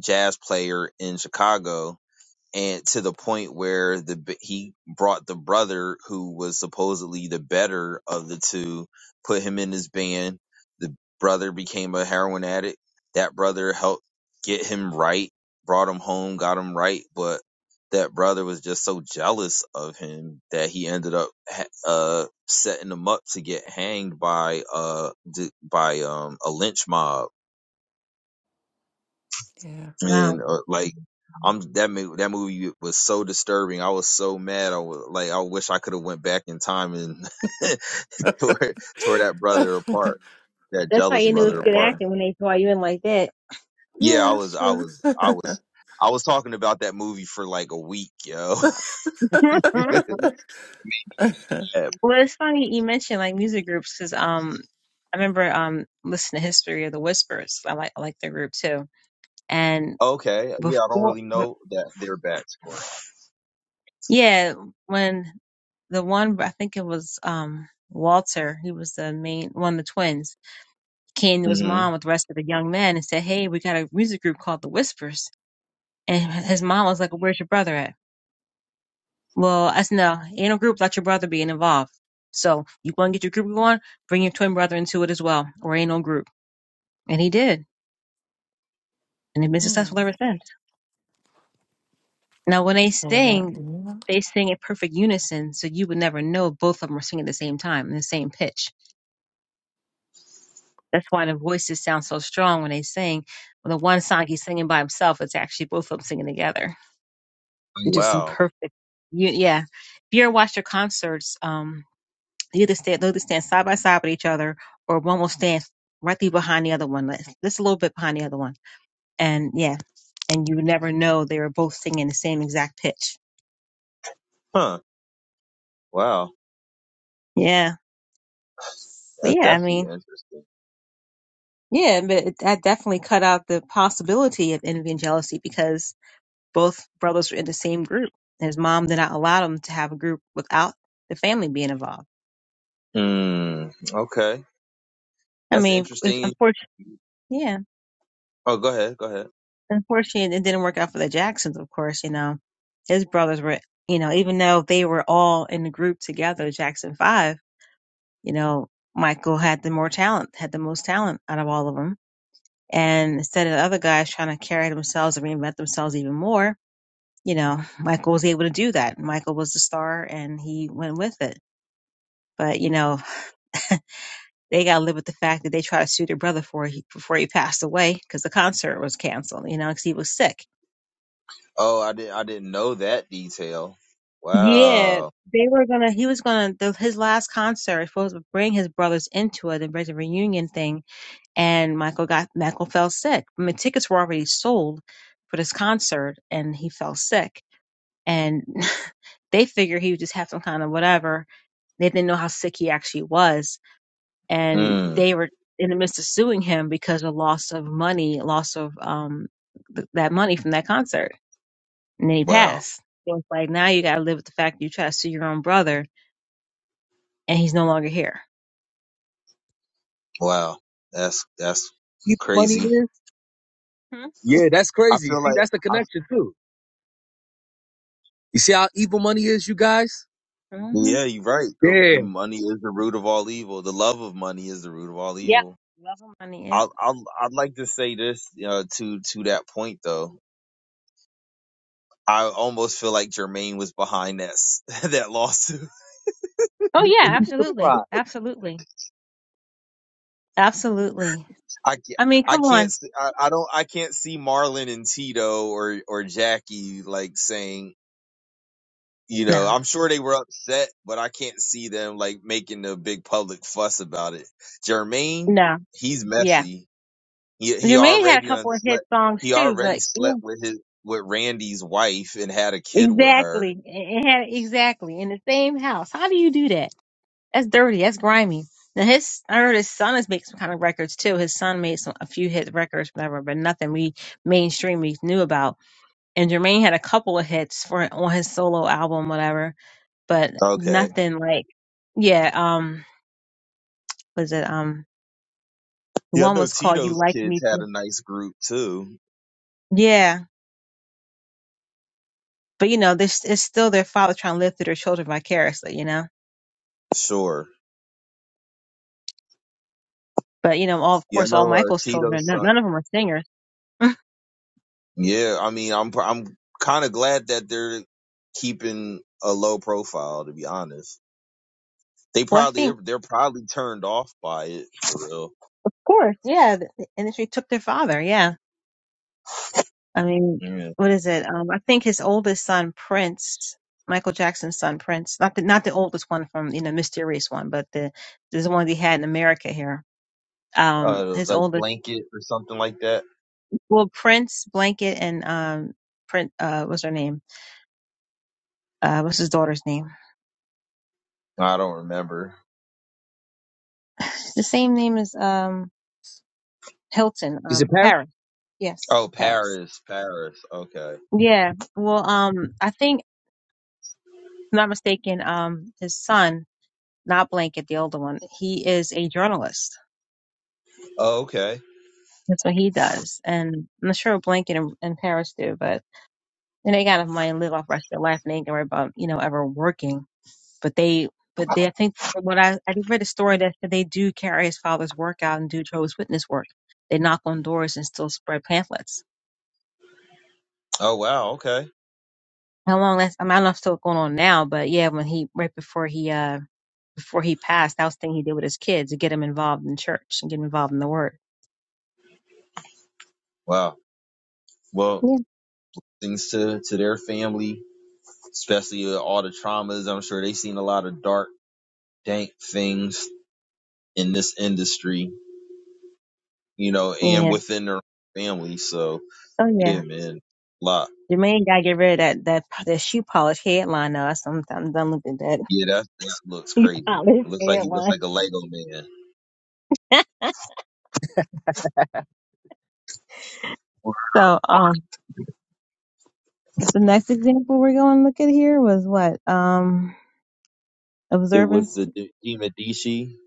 S1: jazz player in Chicago and to the point where the he brought the brother who was supposedly the better of the two, put him in his band. The brother became a heroin addict. That brother helped get him right, brought him home, got him right, but that brother was just so jealous of him that he ended up ha- uh setting him up to get hanged by uh d- by um a lynch mob
S3: Yeah.
S2: Wow.
S1: and uh, like I'm that mo- that movie was so disturbing. I was so mad. I was like, I wish I could have went back in time and [laughs] tore tore that
S3: [laughs]
S1: brother apart, that
S2: That's how
S1: jealous
S2: you knew it's
S1: brother
S2: good
S1: apart.
S3: yeah.
S2: acting when they draw you in like that.
S1: Yeah, I
S3: Yeah,
S1: was, I
S3: sure.
S1: was, I
S3: [laughs]
S1: was, I was talking about that movie for like a week, yo.
S2: [laughs]
S1: [laughs]
S3: [laughs]
S1: Yeah.
S2: Well, it's funny you mentioned like music groups because um, I remember um listening to History of the Whispers. I like I like their group too. And
S1: okay, yeah, I don't
S2: before,
S1: really know that they're back score.
S2: yeah, when the one I think it was um Walter, he was the main one of the twins, came to his
S1: hmm
S2: mom with the rest of the young men and said, "Hey, we got a music group called the Whispers." And his mom was like, "Well, "Where's your brother at?" Well, I said, "No, ain't no group without your brother being involved." So you want to get your group going, bring your twin brother into it as well, or ain't no group. And he did. and they've been successful
S3: Hmm.
S2: ever since. Now, when they
S3: So that-
S2: sing,
S3: yeah.
S2: they sing in perfect unison, so you would never know both of them are singing at the same time in the same pitch. That's why the voices sound so strong when they sing. When the one song he's singing by himself, it's actually both of them singing together. They're just in
S1: Wow,
S2: perfect. You, yeah. If you ever watch their concerts, um, they either stand, they either stand side by side with each other, or one will stand right there behind the other one, like, just a little bit behind the other one. And yeah, and you would never know they were both singing the same exact pitch.
S1: huh? Wow,
S2: Yeah. But
S1: that's
S2: yeah, I
S1: definitely
S2: mean,
S1: interesting.
S2: Yeah, but it, that definitely cut out the possibility of envy and jealousy because both brothers were in the same group. And his mom did not allow them to have a group without the family being involved.
S1: Hmm. Okay,
S2: I
S1: that's
S2: mean,
S1: interesting.
S2: unfortunately, yeah,
S1: Oh, go ahead, go ahead.
S2: unfortunately, it didn't work out for the Jacksons, of course, you know. His brothers were, you know, even though they were all in the group together, the Jackson 5, you know, Michael had the more talent, had the most talent out of all of them. And instead of the other guys trying to carry themselves and reinvent themselves even more, you know, Michael was able to do that. Michael was the star and he went with it. But, you know, they got to live with the fact that they tried to sue their brother before he, before he passed away because the concert was canceled, you know, because he was sick.
S1: Oh, I didn't. I didn't know that detail.
S2: Yeah.
S1: Wow.
S2: They were going to, he was going to, his last concert was supposed to bring his brothers into it and bring the reunion thing. And Michael got, Michael fell sick. I mean, tickets were already sold for this concert and he fell sick. And [laughs] they figure he would just have some kind of whatever They didn't know how sick he actually was. And
S1: Mm.
S2: they were in the midst of suing him because of loss of money, loss of um, th- that money from that concert. And then he
S1: Wow.
S2: passed. So it's like now you got to live with the fact that you try to sue your own brother and he's no longer here.
S1: Wow. That's that's
S4: evil money
S1: crazy.
S4: is? Yeah, that's
S1: I
S4: crazy.
S1: feel
S4: See,
S1: like.
S4: that's the
S1: I,
S4: connection too. You see how evil money is, you guys?
S2: Mm-hmm.
S1: yeah, you're right. The, the
S4: Yeah.
S1: money is the root of all evil. The love of money is the root of all
S2: Yep.
S1: evil.
S2: Love of money. Yep.
S1: I'll, I'll, I'd like to say this uh, to to that point though. I almost feel like Jermaine was behind that s- [laughs] that lawsuit.
S2: Oh, yeah.
S4: I'm
S2: Absolutely.
S4: surprised.
S2: Absolutely. Absolutely.
S1: I can't,
S2: I mean,
S1: I
S2: come
S1: can't,
S2: on.
S1: s- I, I don't, I can't see Marlon and Tito or or Jackie like saying. You
S2: No.
S1: know, I'm sure they were upset, but I can't see them like making a big public fuss about it. Jermaine,
S2: No.
S1: he's
S2: Yeah.
S1: messy. He he
S2: Jermaine had a
S1: already done
S2: couple of hit
S1: slept.
S2: songs
S1: He
S2: too,
S1: already
S2: but yeah.
S1: slept with his with Randy's wife and had a kid with her.
S2: Exactly. It had exactly in the same house. How do you do that? That's dirty. That's grimy. Now his, I heard his son has made some kind of records too. His son made some a few hit records, whatever, but nothing we mainstream we knew about. And Jermaine had a couple of hits for on his solo album, whatever, but
S1: Okay.
S2: nothing like, yeah. Um, was it um the
S1: Yeah, I
S2: one
S1: know
S2: was called "You
S1: Tito's
S2: Like
S1: kids
S2: Me"?
S1: had
S2: Too."
S1: a nice group too.
S2: Yeah, but you know, this it's still their father trying to live through their children vicariously, you know.
S1: Sure.
S2: But you know, all of
S1: Yeah, I
S2: course, all
S1: know uh,
S2: Michael's children,
S1: Tito's
S2: none
S1: son.
S2: none of them are singers [laughs]
S1: Yeah, I mean, I'm I'm kind of glad that they're keeping a low profile, to be honest. They
S2: Well, I
S1: probably they're,
S2: think,
S1: they're probably turned off by it for real.
S2: of course, yeah, the, the industry took their father. Yeah. I mean,
S1: Yeah.
S2: what is it? Um, I think his oldest son, Prince, Michael Jackson's son, Prince, not the, not the oldest one from, you know, mysterious one, but the, there's one he had in America here. Um,
S1: Uh,
S2: his
S1: like
S2: oldest,
S1: blanket or something like that.
S2: well, Prince Blanket and, um, Prince, uh, what's her name? Uh, what's his daughter's name?
S1: I don't remember.
S2: [sighs] The same name as, um, Hilton,
S4: Is it
S2: um,
S4: Paris?
S2: Harris. Yes,
S1: Oh,
S2: Harris.
S1: Paris, Paris. Okay.
S2: Yeah. Well, um, I think, if I'm not mistaken, um, his son, not Blanket, the older one. He is a journalist.
S1: Oh, okay.
S2: That's what he does. And I'm not sure Blanket and, and Paris do, but and they got enough money to live off the rest of their life and they ain't gonna worry about, you know, ever working. But they but they I think from what I I read a story that said they do carry his father's work out and do Jehovah's Witness work. They knock on doors and still spread pamphlets.
S1: Oh, wow. Okay.
S2: How long that's I mean, I don't know if it's still going on now, but yeah, when he right before he uh before he passed, that was the thing he did with his kids to get him involved in church and get him involved in the word.
S1: Wow. Well,
S2: Yeah.
S1: things to to their family, especially with all the traumas. I'm sure they seen a lot of dark, dank things in this industry, you know, and
S2: Yeah.
S1: within their family. So
S2: Oh yeah.
S1: yeah, man, a lot.
S2: Jermaine gotta get rid of that that that shoe polish headline. Though. I sometimes done looked at that
S1: Yeah, that that looks
S2: [laughs] shoe
S1: crazy.
S2: polish
S1: It looks like he looks
S2: headline.
S1: like a Lego man.
S2: [laughs] so um, so the next example we're going to look at here was what um
S1: It was
S2: observance
S1: the De, De Medici.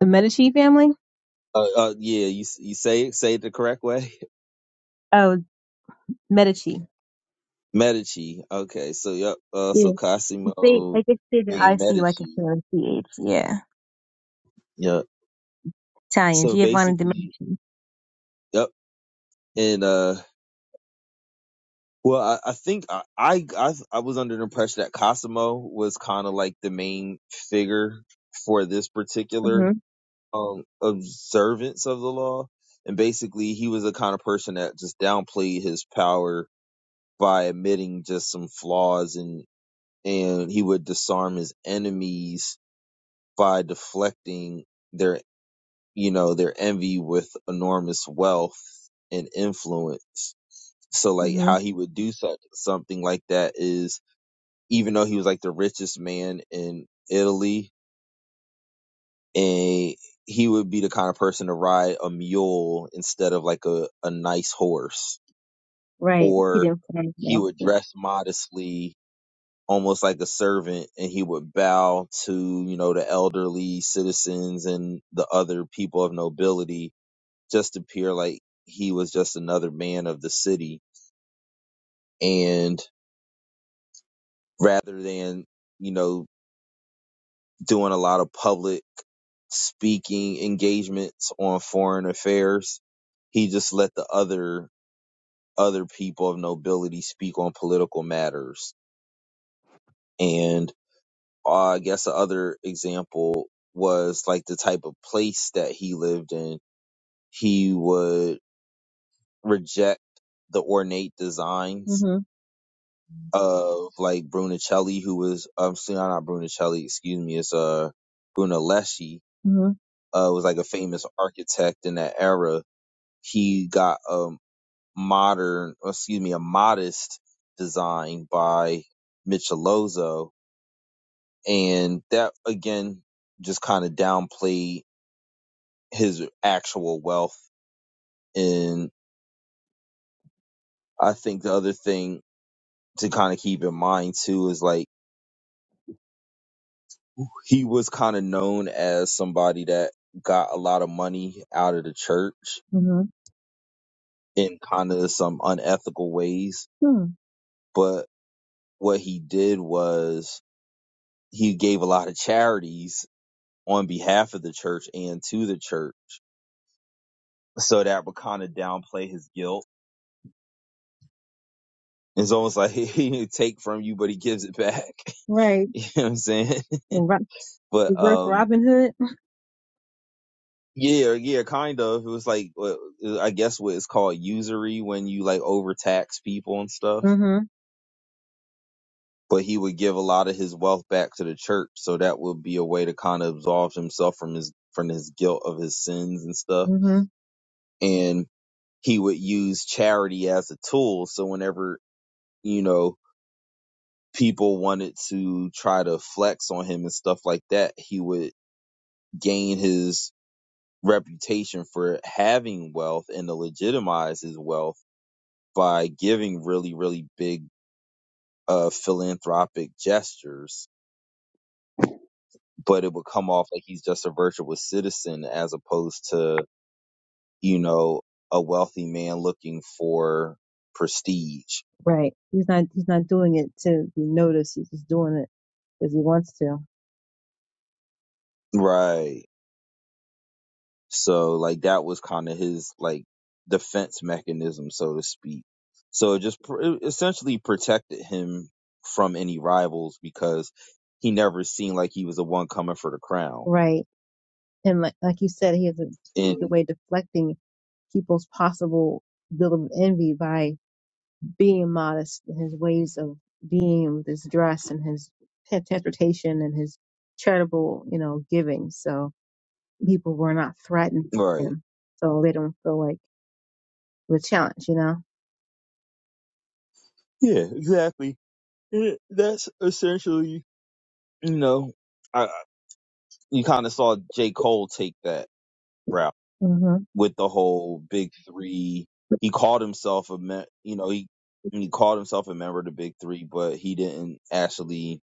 S2: the Medici family.
S1: Uh, uh, yeah, you you say it, say it the correct way.
S2: Oh, Medici.
S1: [laughs] Medici. Okay, so yep. Uh, so
S2: Yeah, they
S1: Cosimo
S2: like it's the
S1: de
S2: I C like a
S1: Medici.
S2: family C H. Yeah,
S1: Yep.
S2: Italian
S1: So
S2: Giovanni de
S1: basically,
S2: Medici.
S1: yep. And uh, well, I, I think I, I I I was under the impression that Cosimo was kind of like the main figure for this particular
S2: Mhm,
S1: um observance of the law, and basically he was the kind of person that just downplayed his power by admitting just some flaws in and he would disarm his enemies by deflecting their you know their envy with enormous wealth and influence so like how
S2: mhm.
S1: he would do such something like that is even though he was like the richest man in Italy and he would be the kind of person to ride a mule instead of like a, a nice horse
S2: Right. He
S1: or
S2: didn't finish
S1: he
S2: well.
S1: would
S2: Yeah.
S1: dress modestly almost like a servant and he would bow to you know the elderly citizens and the other people of nobility just to appear like he was just another man of the city and rather than you know doing a lot of public speaking engagements on foreign affairs he just let the other other people of nobility speak on political matters and. uh, I guess the other example was like the type of place that he lived in. He would reject the ornate designs
S2: Mhm,
S1: of like Brunicelli, who was um, still not Brunicelli, excuse me, it's uh Brunelleschi,
S2: mhm,
S1: uh, was like a famous architect in that era. He got a modern, excuse me, a modest design by Michelozzo, and that again just kind of downplayed his actual wealth. And I think the other thing to kind of keep in mind too is like he was kind of known as somebody that got a lot of money out of the church
S2: mhm.
S1: in kind of some unethical ways.
S2: Hmm.
S1: But what he did was he gave a lot of charities on behalf of the church and to the church. So that would kind of downplay his guilt. It's almost like [laughs] he didn't take from you, but he gives it back. [laughs]
S2: Right.
S1: you know what I'm saying? [laughs]
S2: The Ro-
S1: But
S2: reverse
S1: um
S2: Robin Hood.
S1: Yeah, yeah, kind of. It was like what- uh, I guess what is called usury when you like overtax people and stuff.
S2: Mhm,
S1: But he would give a lot of his wealth back to the church, so that would be a way to kind of absolve himself from his from his guilt of his sins and stuff.
S2: mhm.
S1: And he would use charity as a tool. So whenever you know people wanted to try to flex on him and stuff like that, he would gain his reputation for having wealth and to legitimize his wealth by giving really, really big uh, philanthropic gestures, but it would come off like he's just a virtuous citizen as opposed to, you know, a wealthy man looking for prestige.
S2: Right. He's not. He's not doing it to be noticed. He's just doing it because he wants to.
S1: Right. So, like, that was kind of his, like, defense mechanism, so to speak. So it just pr- it essentially protected him from any rivals because he never seemed like he was the one coming for the crown.
S2: Right. And like, like you said, he has a really good
S1: And,
S2: way of deflecting people's possible bill of envy by being modest in his ways of being with his dress and his t- transportation and his charitable, you know, giving. So people were not threatened by
S1: right.
S2: him. So they don't feel like the challenge, you know?
S1: Yeah, exactly. It- That's essentially, you know, I, I- you kind of saw J. Cole take that route
S2: Mm-hmm.
S1: with the whole big three. He called himself a, me- you know, he he called himself a member of the big three, but he didn't actually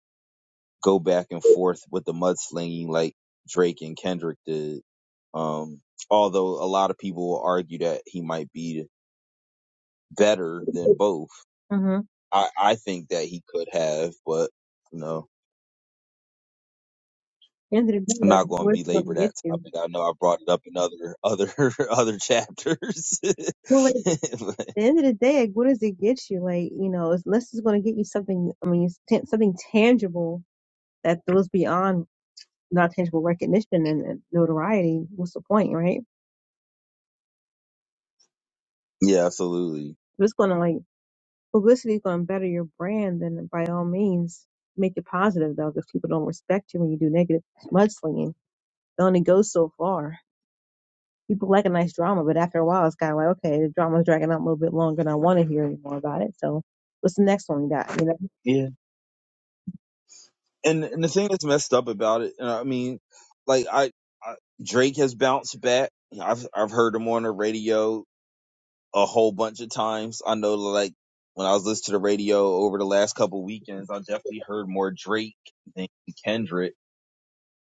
S1: go back and forth with the mudslinging like Drake and Kendrick did. Um, although a lot of people will argue that he might be better than both.
S2: Mm-hmm.
S1: I, I think that he could have, but no.
S2: End of the
S1: I'm
S2: day, like,
S1: not going
S2: what is
S1: to
S2: it going
S1: belabor
S2: to
S1: that
S2: get you?
S1: topic. I know I brought it up in other other [laughs] other chapters. [laughs]
S2: Well, like, at
S1: But,
S2: the end of the day, like, what does it get you? Like, you know, unless it's going to get you something, I mean, it's t- something tangible that goes beyond not tangible recognition and, and notoriety, what's the point, right?
S1: yeah, absolutely.
S2: If it's going to like publicity is going to better your brand, then by all means make it positive though, because people don't respect you when you do negative mudslinging. It only goes so far. People like a nice drama, but after a while, it's kind of like, okay, the drama's dragging out a little bit longer, and I want to hear any more about it. So, what's the next one we got? You know,
S1: Yeah, and and the thing that's messed up about it, and I mean, like I, I Drake has bounced back. I've I've heard him on the radio a whole bunch of times. I know, like when I was listening to the radio over the last couple weekends, I definitely heard more Drake than Kendrick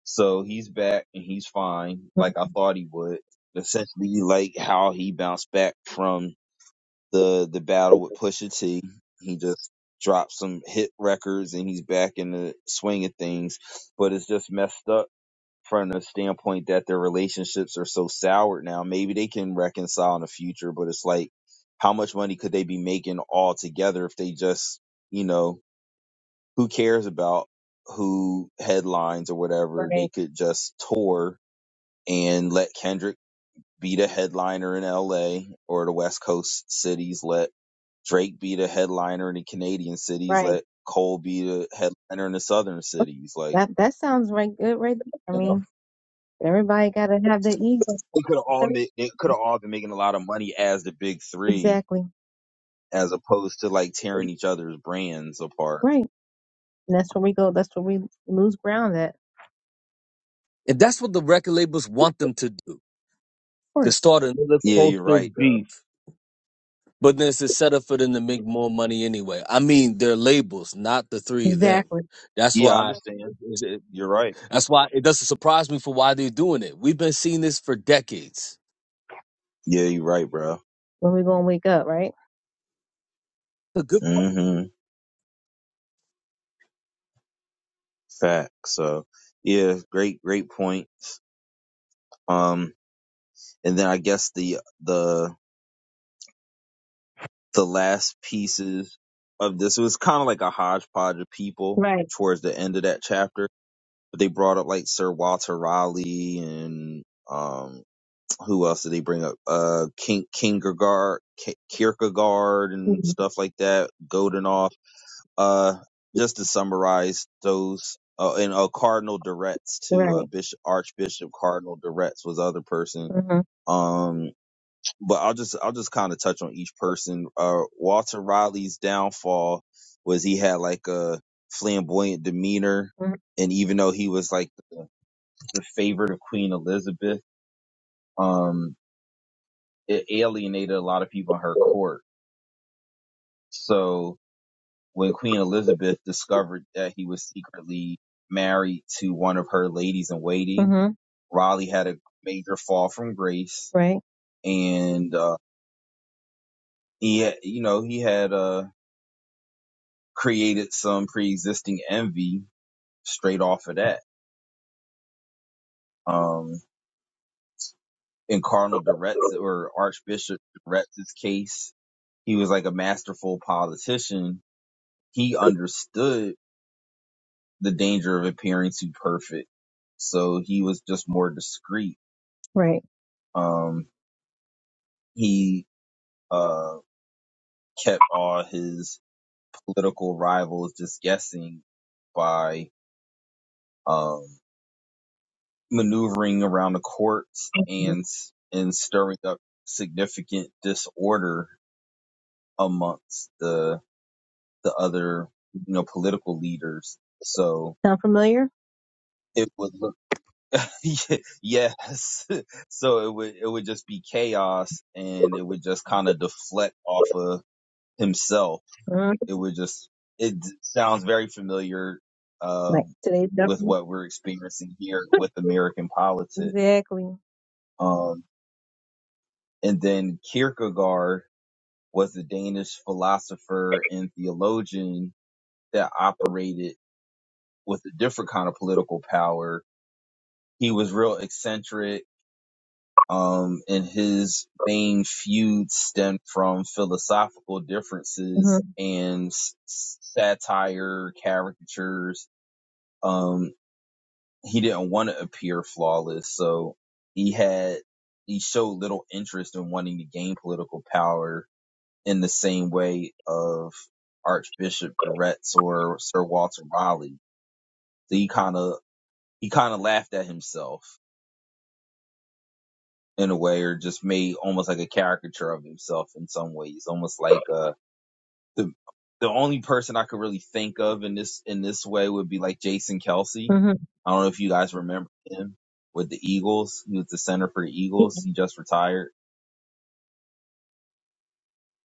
S1: So he's back and he's fine, like I thought he would. Essentially, like how he bounced back from the the battle with Pusha T, he just dropped some hit records and he's back in the swing of things. But it's just messed up from the standpoint that their relationships are so soured now. Maybe they can reconcile in the future, but it's like how much money could they be making all together if they just, you know, who cares about who headlines or
S2: [laughs]
S1: whatever? They
S2: right,
S1: could just tour and let Kendrick be the headliner in LA or the West Coast cities. Let Drake be the headliner in the Canadian cities.
S2: right.
S1: Let Cole be the headliner in the Southern cities. Like,
S2: That that sounds right good, right? There. I
S1: you know,
S2: mean, everybody got to have their ego.
S1: they could have all made, they could have all been making a lot of money as the big three
S2: Exactly.
S1: as opposed to like tearing each other's brands apart.
S2: Right. And that's where we go. That's where we lose ground at. Of
S4: And that's what the record labels want them to do, to
S2: course.
S4: start another
S1: Yeah, you're
S4: culture
S1: right, though.
S4: beef. But then it's a setup for them to make more money anyway. I mean, their labels, not the three of them.
S2: Exactly.
S4: That's
S1: Yeah, I
S4: why.
S1: understand.
S4: It, it-
S1: You're right.
S4: that's why it doesn't surprise me for why they're doing it. We've been seeing this for decades.
S1: Yeah, you're right, bro.
S2: When we're going to wake up, right?
S4: A good
S1: mm hmm Fact. So, yeah, great, great points. Um. and then I guess the the the last pieces of this it was kind of like a hodgepodge of people
S2: Right.
S1: towards the end of that chapter. But they brought up like Sir Walter Raleigh and um who else did they bring up? Uh, King Kierkegaard, Ki- Kierkegaard and
S2: Mhm.
S1: stuff like that. Godenoff. Uh, just to summarize those. Uh, and uh, Cardinal Duretz too. Uh,
S2: Right.
S1: Bishop Archbishop Cardinal Duretz was the other person.
S2: Mm-hmm.
S1: Um, but I'll just I'll just kind of touch on each person. Uh, Walter Riley's downfall was he had like a flamboyant demeanor, and even though he was like the, the favorite of Queen Elizabeth, um, it alienated a lot of people in her court. So when Queen Elizabeth discovered that he was secretly married to one of her ladies in waiting,
S2: Mm-hmm.
S1: Raleigh had a major fall from grace,
S2: Right.
S1: and uh, he had, you know he had a. created some pre-existing envy straight off of that. Um, in Cardinal Duretz or Archbishop Duretz's case, he was like a masterful politician. He understood the danger of appearing too perfect, so he was just more discreet.
S2: Right.
S1: Um, he uh, kept all his political rivals just guessing by um, maneuvering around the courts
S2: Mhm.
S1: and and stirring up significant disorder amongst the the other you know political leaders so
S2: Sound familiar?
S1: it would look [laughs] yes [laughs] so it would it would just be chaos and it would just kind of deflect off of himself
S2: hmm
S1: it would just it d- sounds very familiar uh
S2: Like today's
S1: with
S2: government?
S1: what we're experiencing here with american politics
S2: Exactly.
S1: um and then kierkegaard was a Danish philosopher and theologian that operated with a different kind of political power. He was real eccentric, um, and his main feuds stemmed from philosophical
S2: hmm
S1: differences and s- s- satire, caricatures. Um, he didn't want to appear flawless, so he had he showed little interest in wanting to gain political power in the same way of Archbishop Durretz or Sir Walter Raleigh. So he kind of he kind of laughed at himself in a way, or just made almost like a caricature of himself in some ways, almost like uh the the only person I could really think of in this in this way would be like Jason Kelsey.
S2: hmm
S1: I don't know if you guys remember him with the Eagles. He was the center for the Eagles. He just retired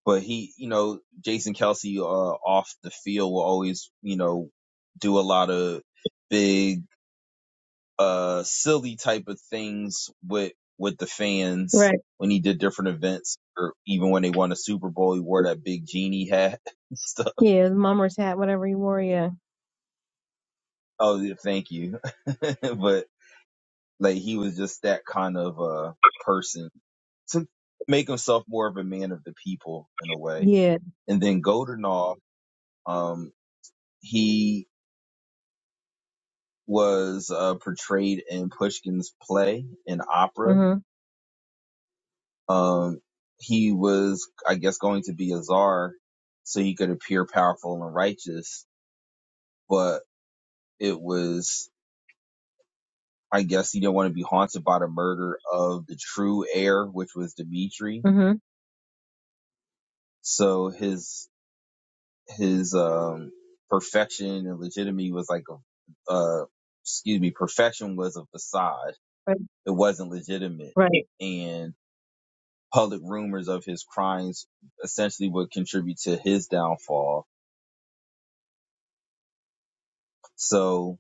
S1: but he, you know, Jason Kelsey uh, off the field will always, you know, do a lot of big, uh, silly type of things with with the fans
S2: Right.
S1: when he did different events, or even when they won a Super Bowl, he wore that big genie hat [laughs] and stuff.
S2: Yeah. The mummer's hat, whatever you wore. Yeah.
S1: Oh, yeah, thank you. [laughs] but like, he was just that kind of uh person to make himself more of a man of the people in a way.
S2: Yeah.
S1: And then Goldenall, um, he was uh, portrayed in Pushkin's play in opera.
S2: Mm-hmm.
S1: Um, he was, I guess, going to be a czar so he could appear powerful and righteous, but it was, I guess, he didn't want to be haunted by the murder of the true heir, which was Dmitri.
S2: Mm-hmm.
S1: So his his um, perfection and legitimacy was like a, uh, excuse me, perfection was a facade.
S2: Right.
S1: It wasn't legitimate,
S2: Right.
S1: and. public rumors of his crimes essentially would contribute to his downfall. So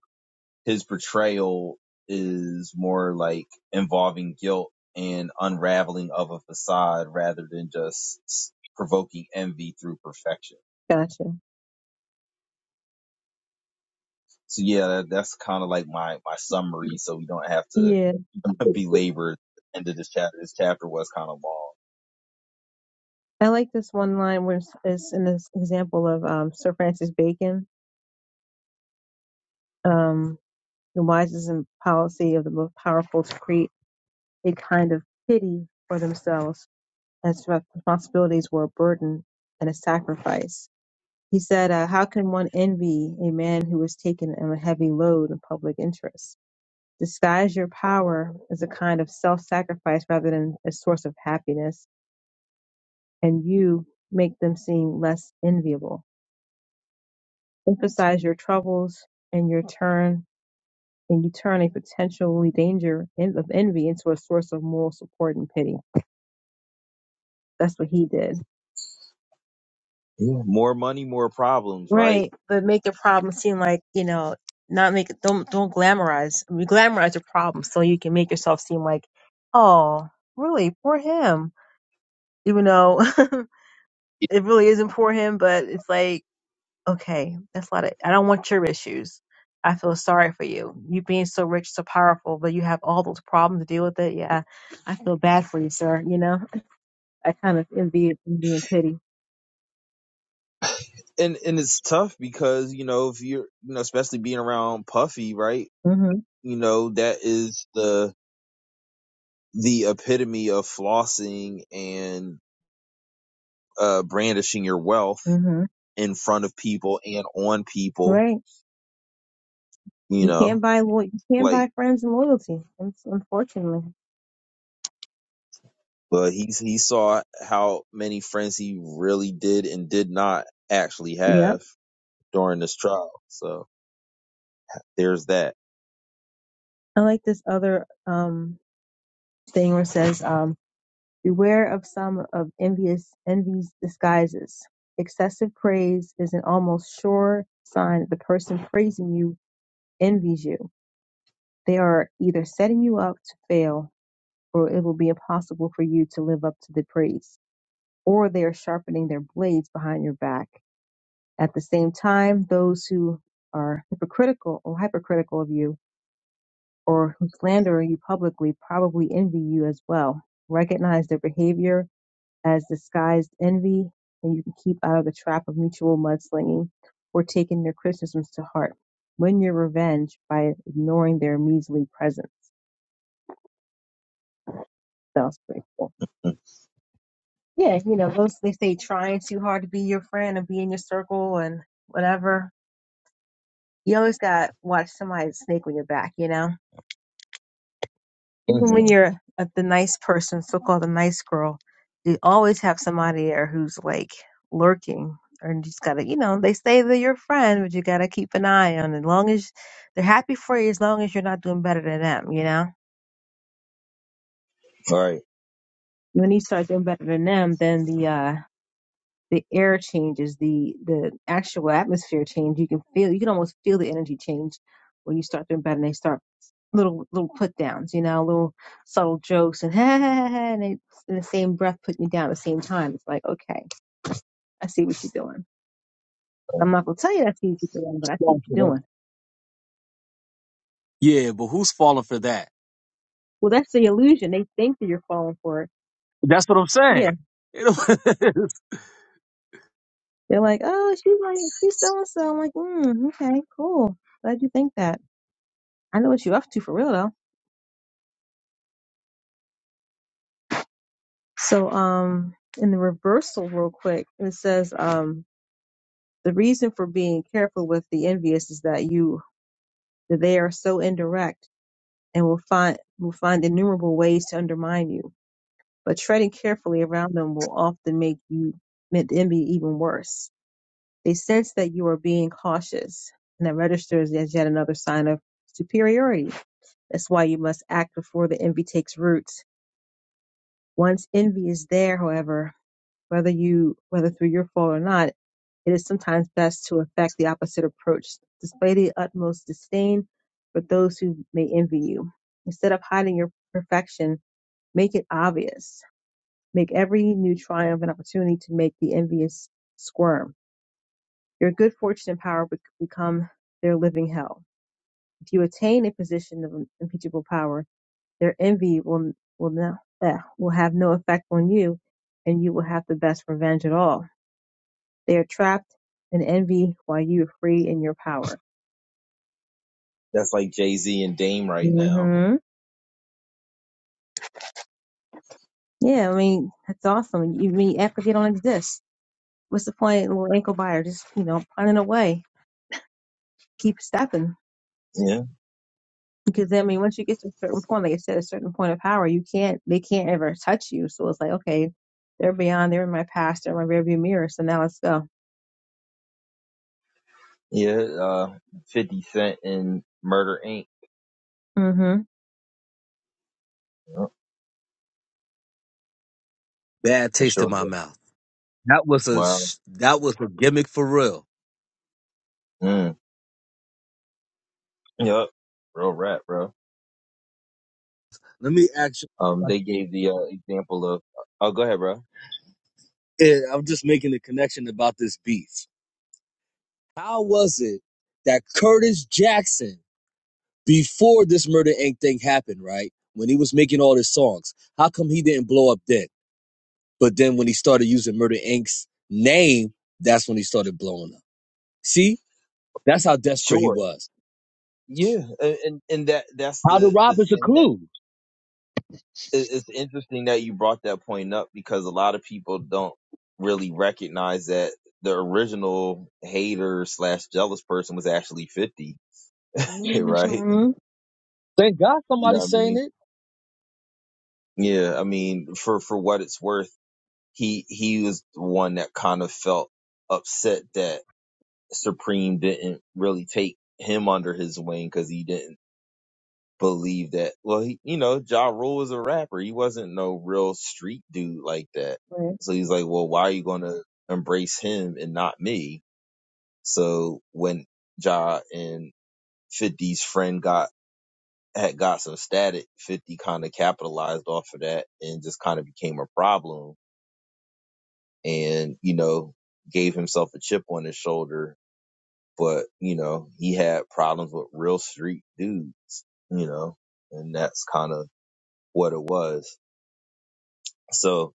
S1: his portrayal is more like involving guilt and unraveling of a facade rather than just provoking envy through perfection.
S2: Gotcha.
S1: So yeah, that, that's kind of like my, my summary. So we don't have to
S2: Yeah.
S1: [laughs] belabor the end of this chapter. This chapter was kind of long.
S2: I like this one line where it's, it's in this example of um, Sir Francis Bacon. Um, The wisest and policy of the most powerful to create a kind of pity for themselves, as responsibilities were a burden and a sacrifice. He said, uh, How can one envy a man who is taken on a heavy load in public interest? Disguise your power as a kind of self sacrifice rather than a source of happiness, and you make them seem less enviable. Emphasize your troubles and your turn and you turn a potentially danger en- of envy into a source of moral support and pity. That's what he did.
S1: Yeah. More money, more problems, right?
S2: Right, but make the problem seem like you know, not make it. don't don't glamorize. I mean, glamorize your problem so you can make yourself seem like, oh, really, poor him. Even though [laughs] it really isn't poor him, but it's like, okay, that's a lot of. I don't want your issues. I feel sorry for you. You being so rich, so powerful, but you have all those problems to deal with it. Yeah, I feel bad for you, sir. You know. I kind of envy envy and pity.
S1: and and it's tough because you know if you're you know especially being around Puffy, right?
S2: petty. hmm
S1: You know that is the the epitome of flossing and uh brandishing your wealth
S2: hmm
S1: in front of people and on people.
S2: Right.
S1: You
S2: You
S1: know,
S2: can't buy lo- you can't
S1: like
S2: buy friends and loyalty. It's unfortunately.
S1: but he's he saw how many friends he really did and did not actually have
S2: Yep.
S1: during this trial. So there's that.
S2: I like this other um thing where it says um beware of some of envious envy's disguises. Excessive praise is an almost sure sign that the person praising you envies you. They are either setting you up to fail or it will be impossible for you to live up to the praise. Or they are sharpening their blades behind your back At the same time, those who are hypocritical or hypercritical of you or who slander you publicly probably envy you as well. Recognize their behavior as disguised envy, and you can keep out of the trap of mutual mudslinging or taking their criticisms to heart. Win your revenge by ignoring their measly presence. Sounds grateful. Yeah, you know, [laughs] those they say trying too hard to be your friend and be in your circle and whatever. You always got to watch somebody snake on your back, you know? even when
S1: Mhm.
S2: you're a, the nice person, so called a nice girl, you always have somebody there who's like lurking, or you just gotta, you know, they say they're your friend, but you gotta keep an eye on. As long as they're happy for you, as long as you're not doing better than them, you know.
S1: All right,
S2: When you start doing better than them, then the uh the air changes, the the actual atmosphere change. You can feel, you can almost feel the energy change when you start doing better. And they start little little put downs, you know, little subtle jokes, and [laughs] and they in the same breath putting you down at the same time. It's like, okay, I see what you're doing. I'm not gonna tell you I see what you're doing, but I see
S4: question
S2: what
S4: for
S2: you're
S4: that.
S2: doing.
S4: Yeah, but who's falling for that?
S2: Well, that's the illusion. They think that you're falling for it.
S4: That's what I'm
S2: Yeah,
S4: saying. [laughs]
S2: they're like, oh, she's like, she's so and so. I'm like, mm, okay, cool. Glad you think that. I know what you're up to for real though. So um in the reversal real quick, it says um the reason for being careful with the envious is that you that they are so indirect and will find will find innumerable ways to undermine you. But treading carefully around them will often make you make the envy even worse. They sense that you are being cautious, and that registers as yet another sign of superiority. That's why you must act before the envy takes root. Once envy is there, however, whether you whether through your fault or not, it is sometimes best to affect the opposite approach. Display the utmost disdain for those who may envy you. Instead of hiding your perfection, make it obvious. Make every new triumph an opportunity to make the envious squirm. Your good fortune and power bec- become their living hell. If you attain a position of impeachable power, their envy will will not eh, will have no effect on you, and you will have the best revenge at all. They are trapped in envy while you are free in your power.
S1: that's like Jay Z and Dame right now.
S2: hmm Yeah, I mean, that's awesome. You mean apathy don't exist. What's the point, little ankle biter? Just, you know, punting away. Keep stepping.
S1: yeah.
S2: Because, I mean, once you get to a certain point, like I said, a certain point of power, you can't, they can't ever touch you. So it's like, okay, they're beyond, they're in my past, they're in my rearview mirror. So now let's go.
S1: Yeah, uh, 50 Cent in Murder Inc.
S2: Mm
S1: Yep,
S4: Bad
S1: for
S4: taste
S1: sure.
S4: in my
S1: yeah.
S4: mouth. That was a
S1: Wow.
S4: sh- that was a gimmick for real.
S1: Mm. Yep. Real rap, bro.
S4: Let me ask you a
S1: Um, they
S4: question.
S1: gave the uh, example of, oh, go ahead, bro.
S4: Yeah, I'm just making a connection about this beef. How was it that Curtis Jackson, before this Murder Inc. thing happened, right? When he was making all his songs, how come he didn't blow up then? But then when he started using Murder Inc.'s name, that's when he started blowing up. See, that's how desperate he
S1: Sure.
S4: was.
S1: Yeah. And, and, and that, that's
S4: How the
S1: the, the
S4: rob is a
S1: thing that
S4: clue.
S1: it, it's interesting that you brought that point up because a lot of people don't really recognize that the original hater slash jealous person was actually 50,
S2: hmm.
S1: [laughs]
S2: Mm
S1: right?
S2: hmm.
S4: Thank God
S1: You know
S4: somebody's
S1: what I
S4: saying
S1: mean?
S4: it.
S1: Yeah. I mean, for, for what it's worth he he was the one that kind of felt upset that Supreme didn't really take him under his wing because he didn't believe that. Well, he, you know, Ja Rule was a rapper. He wasn't no real street dude like that.
S2: Right.
S1: So he's like, well, why are you going to embrace him and not me? So when Ja and Fifty's friend got had got some static, 50 kind of capitalized off of that and just kind of became a problem and, you know, gave himself a chip on his shoulder. But, you know, he had problems with real street dudes, you know, and that's kind of what it was. So,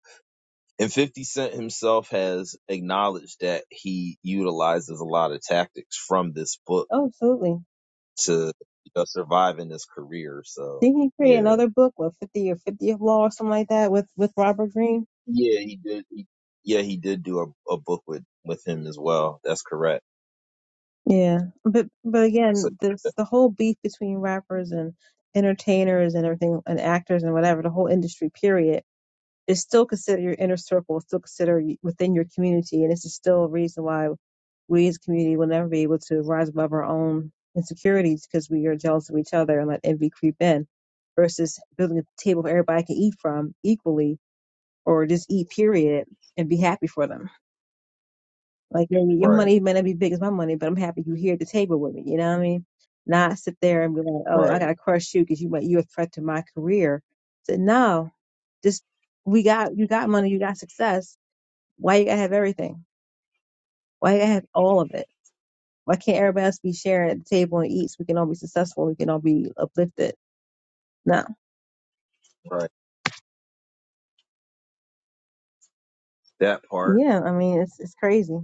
S1: and 50 Cent himself has acknowledged that he utilizes a lot of tactics from this book
S2: Oh, absolutely.
S1: to you know, survive in his career. So,
S2: Didn't he create
S1: yeah.
S2: another book, what, 50 or 50th Law or something like that with, with Robert Greene?
S1: Yeah, he did. He, yeah, he did do a, a book with, with him as well. That's correct.
S2: Yeah, but but
S1: So,
S2: again, this the whole beef between rappers and entertainers and everything and actors and whatever, the whole industry period is still considered your inner circle, still considered y- within your community, and this is still a reason why we as a community will never be able to rise above our own insecurities because we are jealous of each other and let envy creep in, versus building a table where everybody can eat from equally or just eat period and be happy for them. Like your your
S1: right,
S2: money may not be big as my money, but I'm happy you're here at the table with me. You know what I mean? Not sit there and be like, oh, I
S1: right,
S2: gotta crush you because you might you're a threat to my career. So no, just we got you got money, you got success. Why you gotta have everything? Why you gotta have all of it? Why can't everybody else be sharing at the table and eat so we can all be successful? We can all be uplifted. No,
S1: right. That part.
S2: yeah, I mean it's it's crazy,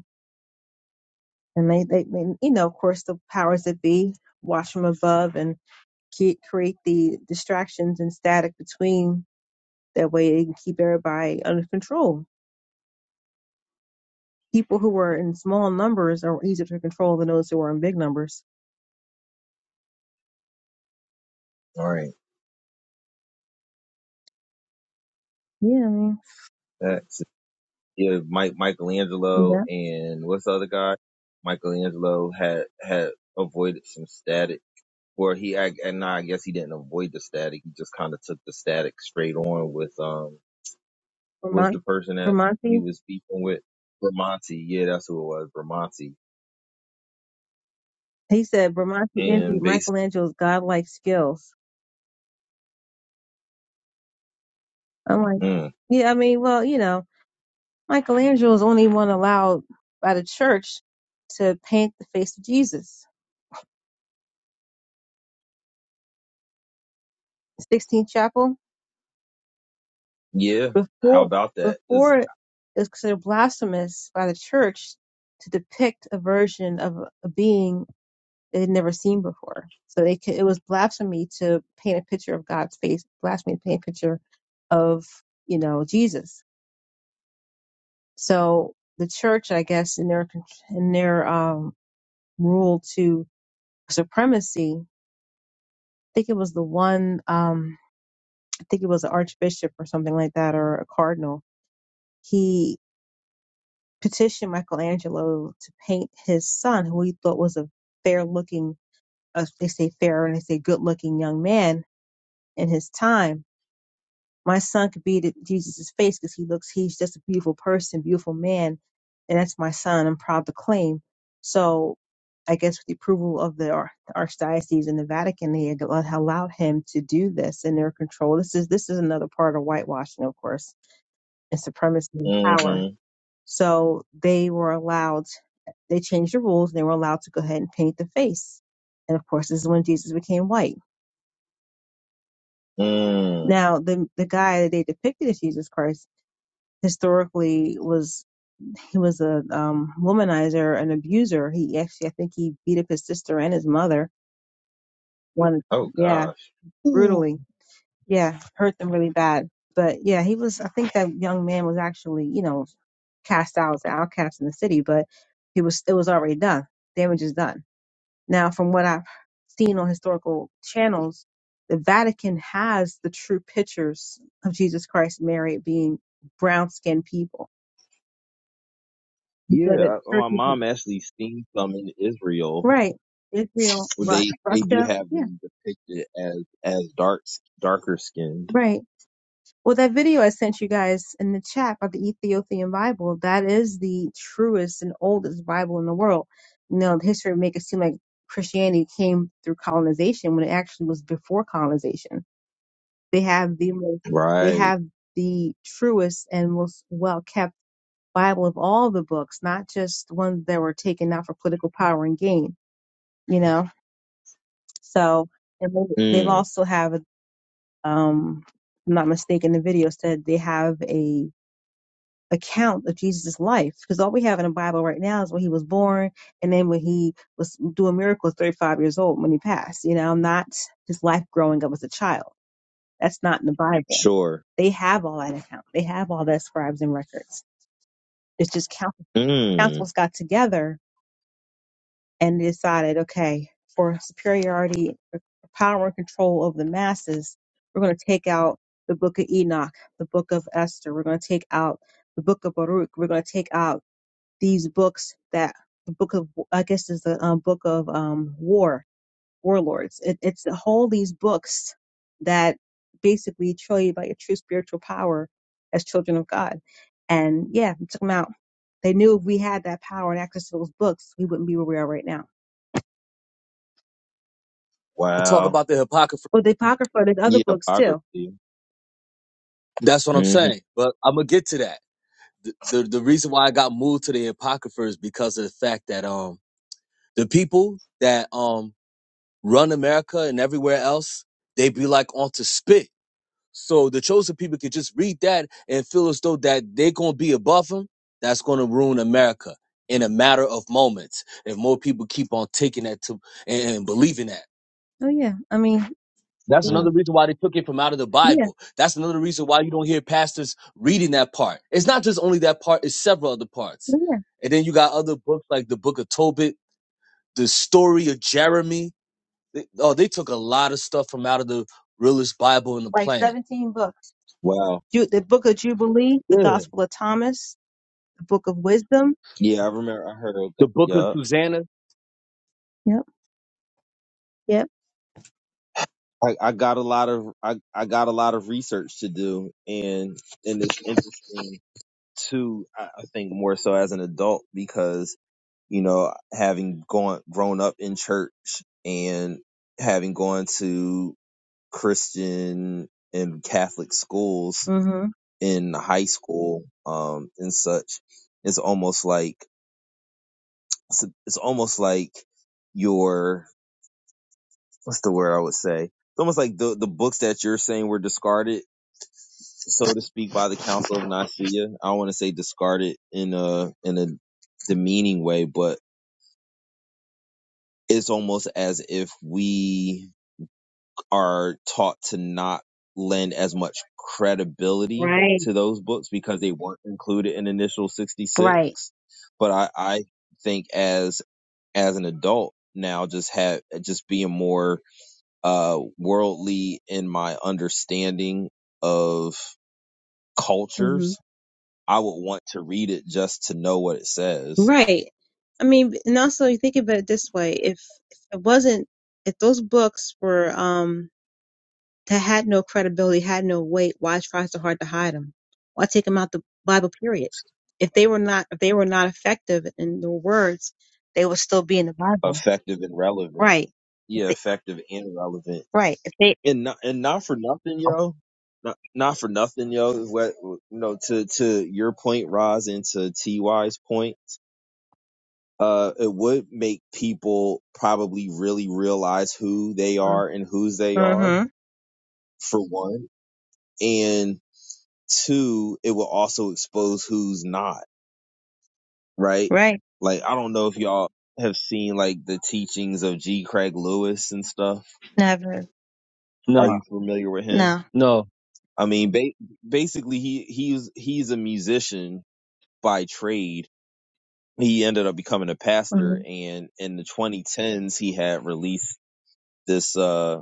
S2: and they they, they you know of course the powers that be watch from above and ke- create the distractions and static between That way it can keep everybody under control. People who are in small numbers are easier to control than those who are in big numbers.
S1: All Right.
S2: Yeah, I mean,
S1: That's yeah, Mike Michelangelo
S2: yeah.
S1: and what's the other guy? Michelangelo had had avoided some static, or he I, and nah, I guess he didn't avoid the static. He just kind of took the static straight on with um was
S2: Bramante,
S1: the person that he
S2: Bramante,
S1: was beefing with Bramante. Yeah, that's who it was, Bramante.
S2: he said Bramante envied
S1: And basically,
S2: Michelangelo's godlike skills. I'm like,
S1: mm,
S2: yeah, I mean, well, you know, Michelangelo's only one allowed by the church to paint the face of Jesus. 16th Chapel,
S1: yeah, how
S2: before
S1: about that? Is
S2: before it was considered blasphemous by the church to depict a version of a being they had never seen before. So they could, it was blasphemy to paint a picture of God's face, blasphemy to paint a picture of you know Jesus. So the church, I guess, in their in their um, rule to supremacy, I think it was the one, um, I think it was an archbishop or something like that, or a cardinal. He petitioned Michelangelo to paint his son, who he thought was a fair looking, uh, they say fair and they say good looking young man in his time My son could be to Jesus' face because he looks, he's just a beautiful person, beautiful man. And that's my son. I'm proud to claim. So I guess with the approval of the Ar- Archdiocese and the Vatican, they had allowed allowed him to do this in their control. This is, this is another part of whitewashing, of course, and supremacy and power.
S1: mm-hmm,
S2: So they were allowed, they changed the rules and they were allowed to go ahead and paint the face. And of course, this is when Jesus became white.
S1: mm.
S2: Now, the the guy that they depicted as Jesus Christ historically was he was a um, womanizer, an abuser. He actually, I think, he beat up his sister and his mother. One,
S1: Oh
S2: yeah,
S1: gosh,
S4: Ooh.
S2: brutally. Yeah, hurt them really bad. But yeah, he was. I think that young man was actually, you know, cast out, outcast in the city. But he was. It was already done. Damage is done. Now, from what I've seen on historical channels, the Vatican has the true pictures of Jesus Christ, Mary being brown skinned people. So that
S1: yeah. I- My
S2: churches
S1: mom actually seen some in Israel
S2: Right. Israel,
S1: Well,
S2: Ru-
S1: They they do
S2: Russia.
S1: have
S2: Yeah.
S1: them depicted as as dark darker skinned,
S2: Right. Well, that video I sent you guys in the chat about the Ethiopian Bible, that is the truest and oldest Bible in the world. You know, the history make it seem like Christianity came through colonization when it actually was before colonization. They have the most, they
S1: right?
S2: have the truest and most well kept Bible of all the books, not just the ones that were taken out for political power and gain, you know? So, and they- they've
S1: Mm,
S2: also have um, I'm not mistaken, the video said they have a account of Jesus' life because all we have in the Bible right now is when he was born and then when he was doing miracles 35 years old when he passed, you know, not his life growing up as a child. That's not in the Bible.
S1: sure.
S2: They have all that account. They have all that scribes and records. It's just council,
S1: Mm,
S2: councils got together and decided, okay, for superiority, power, and control over the masses, we're going to take out the book of Enoch, the book of Esther, we're going to take out the book of Baruch, we're going to take out these books that the book of, I guess, is the um, book of um, war, warlords. It, it's the whole these books that basically show you about your true spiritual power as children of God. And yeah, we took them out. They knew if we had that power and access to those books, we wouldn't be where we are right now
S4: Talk
S1: wow.
S4: about the Apocrypha.
S2: Well, the Apocrypha, there's other
S1: Yeah,
S2: books too.
S1: biography.
S4: That's what I'm
S1: hmm
S4: saying. But I'm gonna get to that. The, the the reason why I got moved to the Apocrypha is because of the fact that um the people that um run America and everywhere else, they be like onto spit. So the chosen people could just read that and feel as though that they're going to be above them. That's going to ruin America in a matter of moments. If more people keep on taking that to and, and believing that.
S2: Oh yeah, I mean,
S4: That's
S1: Mm,
S4: another reason why they took it from out of the
S2: yeah,
S4: Bible. That's another reason why you don't hear pastors reading that part. It's not just only that part, it's several other parts.
S2: oh, yeah,
S4: And then you got other books like the book of Tobit, the story of Jeremy. They- oh, they took a lot of stuff from out of the realest Bible on the
S2: like
S4: planet.
S2: 17 books.
S1: wow.
S2: Ju- the Book of Jubilee, the
S4: Yeah.
S2: Gospel of Thomas, the Book of Wisdom.
S1: Yeah, I remember. I heard. Of that.
S4: The book of
S1: Yeah,
S4: Susanna.
S2: Yep, yep.
S1: I, I got a lot of I, I got a lot of research to do, and and it's interesting too. I, I think more so as an adult because you know having gone grown up in church and having gone to Christian and Catholic schools
S2: Mm-hmm.
S1: in high school, um, and such. It's almost like, it's, it's almost like your, what's the word I would say? It's almost like the, the books that you're saying were discarded, so to speak, by the Council of Nicaea. I don't want to say discarded in a, in a demeaning way, but it's almost as if we are taught to not lend as much credibility
S2: Right,
S1: to those books because they weren't included in initial 66
S2: right.
S1: but i i think as as an adult now just have just being more uh worldly in my understanding of
S2: Mm-hmm.
S1: cultures i would want to read it just to know what it says
S2: Right. I mean, and also you think about it this way: if, if it wasn't, if those books were, um that had no credibility, had no weight, why try so hard to hide them? Why take them out the Bible period? If they were not, if they were not effective in their words, they would still be in the Bible.
S1: effective and relevant
S2: Right. If
S1: yeah
S2: they,
S1: effective and relevant
S2: right. If they,
S1: and not, and not for nothing, yo. Not, not for nothing, yo. What you know to to your point, Roz, and to Ty's point, uh, it would make people probably really realize who they are and whose they are
S2: mm-hmm.
S1: for one, and two, it will also expose who's not right.
S2: Right.
S1: Like I don't know if y'all have seen like the teachings of G. Craig Lewis and stuff.
S2: Never.
S4: No.
S1: Are you familiar with him?
S2: No.
S4: No.
S1: I mean, ba- basically, he he's he's a musician by trade. He ended up becoming a pastor,
S2: Mm-hmm.
S1: and in the 2010s, he had released this. Uh,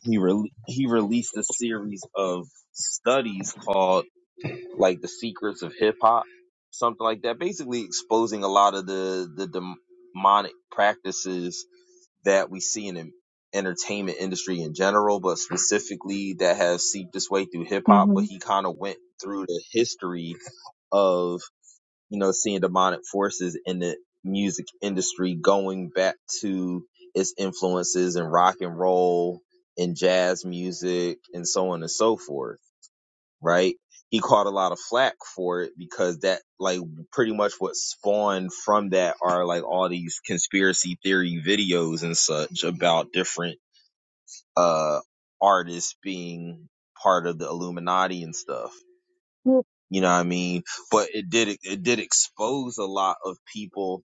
S1: he re- he released a series of studies called like the secrets of hip hop, something like that. Basically, exposing a lot of the the dem- demonic practices that we see in the entertainment industry in general, but specifically that has seeped its way through hip hop. But
S2: Mm-hmm.
S1: he kind of went through the history of, you know, seeing demonic forces in the music industry going back to its influences in rock and roll and jazz music and so on and so forth right? He caught a lot of flack for it because that, like, pretty much what spawned from that are like all these conspiracy theory videos and such about different, uh, artists being part of the Illuminati and stuff. You know what I mean? But it did, it did expose a lot of people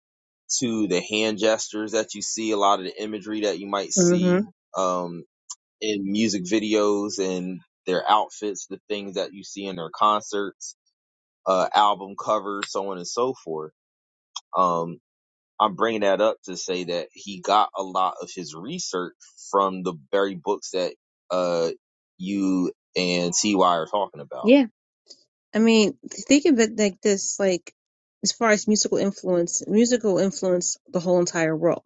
S1: to the hand gestures that you see, a lot of the imagery that you might
S2: Mm-hmm.
S1: see, um, in music videos and their outfits, the things that you see in their concerts uh, album covers, so on and so forth. Um, I'm bringing that up to say that he got a lot of his research from the very books that uh, you and Ty are talking about.
S2: Yeah. I mean, think of it like this, like as far as musical influence, musical influence the whole entire world.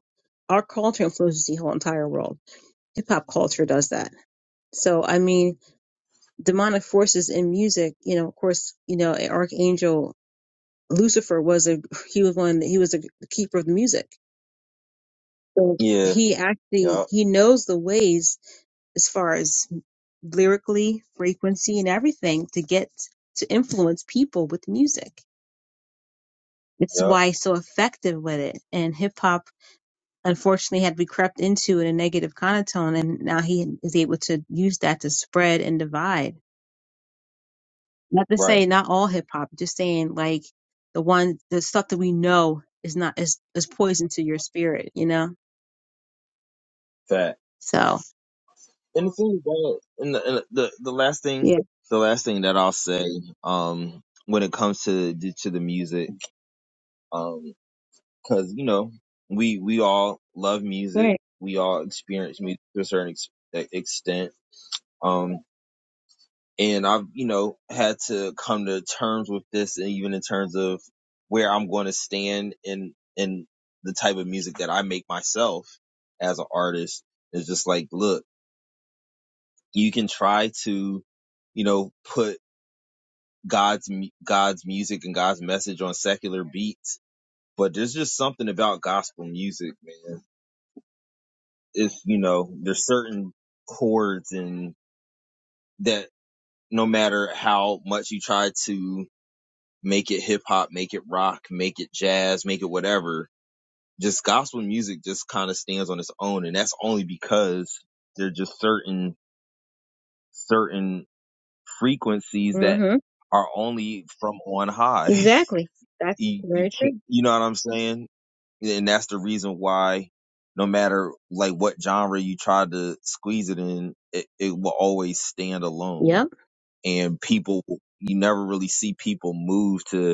S2: Our culture influences the whole entire world. Hip hop culture does that. So, I mean, demonic forces in music, you know, of course, you know, Archangel Lucifer was a he was one he was a keeper of music. So
S1: Yeah.
S2: he actually
S1: Yep.
S2: he knows the ways as far as lyrically, frequency and everything to get to influence people with music. It's
S1: Yep.
S2: why he's so effective with it. And hip hop unfortunately had we crept into in a negative connotation and now he is able to use that to spread and divide Not to
S1: Right.
S2: say not all hip hop, just saying like the one the stuff that we know is not is is poison to your spirit, you know?
S1: That.
S2: So
S1: And the thing about and the, and the the last thing
S2: Yeah.
S1: the last thing that I'll say um when it comes to to the music um because you know we we all love music
S2: Right.
S1: we all experience music to a certain ex- e, extent Um, and I've, you know, had to come to terms with this and even in terms of where I'm going to stand in, in the type of music that I make myself as an artist. It's just like, look, you can try to, you know, put God's, God's music and God's message on secular beats, but there's just something about gospel music, man. It's, you know, there's certain chords and that no matter how much you try to make it hip hop, make it rock, make it jazz, make it whatever. Just gospel music just kind of stands on its own. And that's only because there are just certain, certain frequencies that
S2: hmm
S1: are only from on high.
S2: Exactly.
S1: [laughs]
S2: That's
S1: you, you
S2: very
S1: can't,
S2: true.
S1: you know what I'm saying? And that's the reason why no matter like what genre you try to squeeze it in, it, it will always stand alone.
S2: Yep.
S1: And people, you never really see people move to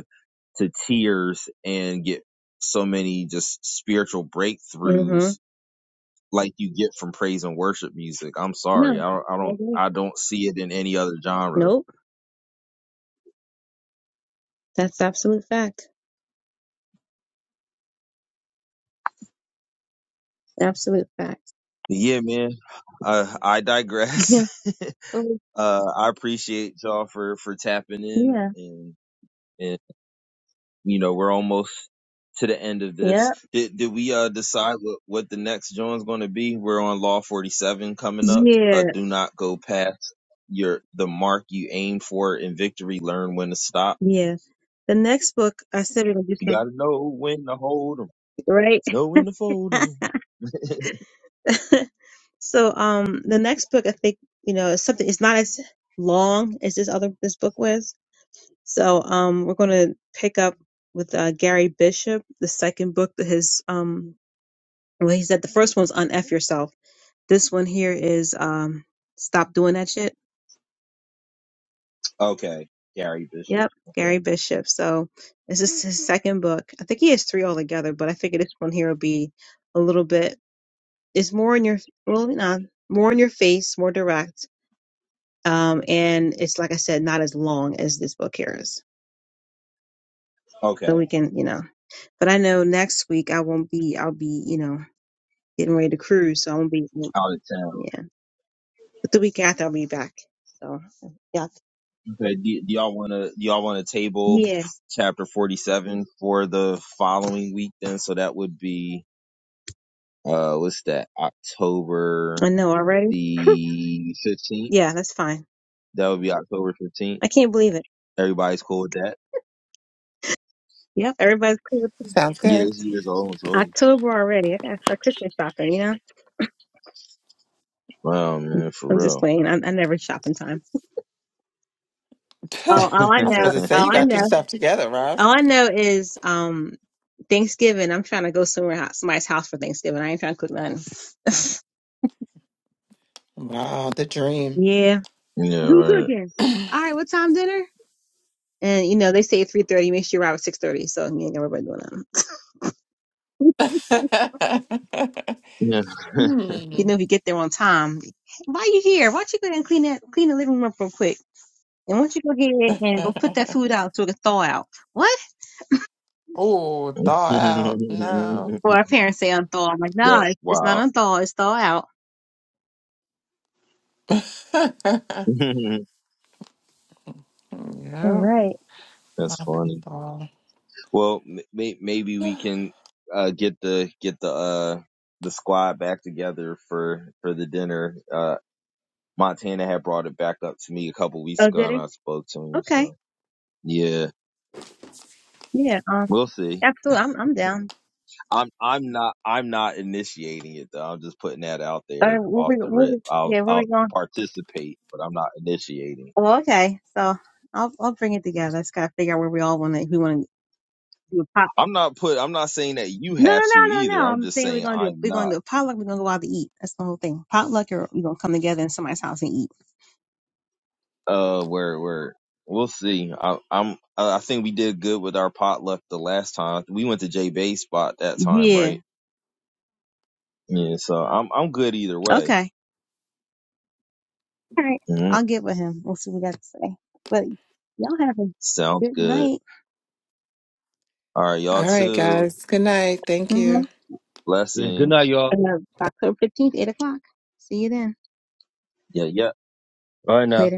S1: to tears and get so many just spiritual
S2: hmm
S1: breakthroughs like you get from praise and worship music. I'm
S2: No.
S1: sorry. I don't, I
S2: I
S1: don't,
S2: agree.
S1: I don't see it in any other genre.
S2: Nope. That's absolute fact. Absolute fact.
S1: But Yeah, man. Uh, I
S2: [laughs] Yeah.
S1: digress. [laughs]
S2: Oh,
S1: uh, I appreciate y'all for, for tapping in
S2: yeah.
S1: and, and you know we're almost to the end of this.
S2: Yeah.
S1: Did did we uh decide what what the next joint's going to be? We're on Law 47 coming up. Uh,
S2: Yeah.
S1: do not go past your the mark you aim for in victory. Learn when to stop.
S2: Yeah. The next book I said we're gonna do
S1: You gotta know when to hold 'em,
S2: something
S1: know when to fold 'em. [laughs]
S2: right. [laughs] So um the next book I think, you know, is something it's not as long as this other this book was. So um we're gonna pick up with uh Gary Bishop, the second book that his um well he said the first one's Unf Yourself. This one here is um Stop Doing That Shit.
S1: Okay, Gary Bishop.
S2: Yep,
S1: Okay,
S2: Gary Bishop. So this is his second book. I think he has three altogether, but I figure this one here will be a little bit it's more in your well, not more in your face, more direct um, and it's like I said, not as long as this book here is. So
S1: okay,
S2: we can, you know. But I know next week I won't be. I'll be, you know, getting ready to cruise, so I won't be.
S1: out of town.
S2: Yeah, but the week after I'll be back. So yeah,
S1: Okay, do, do y'all wanna do y'all wanna table
S2: yeah,
S1: chapter 47 for the following week? Then, so that would be uh what's that october
S2: I know already.
S1: the 15th
S2: Yeah, that's fine.
S1: that would be october 15th
S2: I can't believe it.
S1: everybody's cool with that
S2: Yep, everybody's cool. with it.
S3: Sounds
S1: yeah
S3: good.
S1: this year's almost over
S2: October already. I gotta start Christmas shopping. You know,
S1: wow man for
S2: I'm just
S1: real
S2: waiting. I, I never shop in time.
S3: [laughs] I
S2: Oh, all I
S3: was
S2: know,
S3: supposed to say you
S2: all
S1: [laughs]
S2: I
S3: got your
S2: know,
S3: stuff together, Ross.
S2: all I know is, um, Thanksgiving, I'm trying to go somewhere hou- somebody's house for Thanksgiving. I ain't trying to cook nothing. [laughs]
S3: Wow, the dream.
S2: Yeah.
S1: yeah
S2: Who
S1: right
S2: cooking? All right, what time dinner? And you know they say three thirty. Make sure you arrive at six thirty. So you ain't got everybody doing that.
S3: [laughs]
S1: yeah
S2: [laughs] You
S3: hmm.
S2: know if you get there on time. Why you here? Why don't you go ahead and clean that clean the living room real quick? And why don't you go ahead and go
S3: [laughs]
S2: put that food out so it can thaw out? What?
S3: oh, thaw out. No.
S1: [laughs]
S2: Well, our parents say unthaw. I'm like, no,
S1: that's
S2: it's not
S1: wild
S2: unthaw. It's thaw out.
S3: [laughs] yep.
S1: [laughs]
S2: All right.
S1: that's
S3: Not too
S1: funny
S3: thaw.
S1: well m- may- maybe
S3: [sighs]
S1: we can uh get the get the uh the squad back together for for the dinner uh montana had brought it back up to me a couple weeks
S2: Oh,
S1: ago
S2: did
S1: and
S2: it?
S1: i spoke to him
S2: Okay.
S1: so yeah
S2: Yeah. Um.
S1: We'll see.
S2: Absolutely. I'm. I'm down.
S1: I'm I'm not I'm not initiating it though. I'm just putting that out
S2: All right.
S1: there
S2: Where
S1: off
S2: we?
S1: the
S2: Where
S1: rip.
S2: we?
S1: I'll
S2: Yeah. Where
S1: I'll
S2: we going?
S1: participate, but I'm not initiating.
S2: Oh, okay. So I'll I'll bring it together. Let's gotta figure out where we all want to. If we want to do a pot.
S1: I'm not put I'm not saying that you
S2: No,
S1: have
S2: no,
S1: to
S2: no, no,
S1: either.
S2: no.
S1: I'm
S2: I'm
S1: just
S2: saying we're
S1: saying
S2: gonna do a,
S1: I'm
S2: we're gonna
S1: not.
S2: do a potluck. We're gonna go out to eat. That's the whole thing. Potluck, or we're gonna come together in somebody's house and eat.
S1: Uh where where we'll see. I I'm I think we did good with our potluck the last time. We went to J Bay spot that time,
S2: Yeah.
S1: right? Yeah, so I'm I'm good either way.
S2: Okay. All right.
S1: hmm
S2: I'll get with him. We'll see what we got to say. But y'all have a
S1: Sounds
S2: good
S1: good.
S2: night.
S1: All right, y'all
S3: All right,
S1: too.
S3: guys. Good night. Thank you.
S2: Mm-hmm.
S4: Yeah, good
S1: Blessings.
S4: night, y'all.
S2: And, Uh, October fifteenth, eight o'clock. See you then.
S1: Yeah, yeah.
S4: All right now.
S2: Later.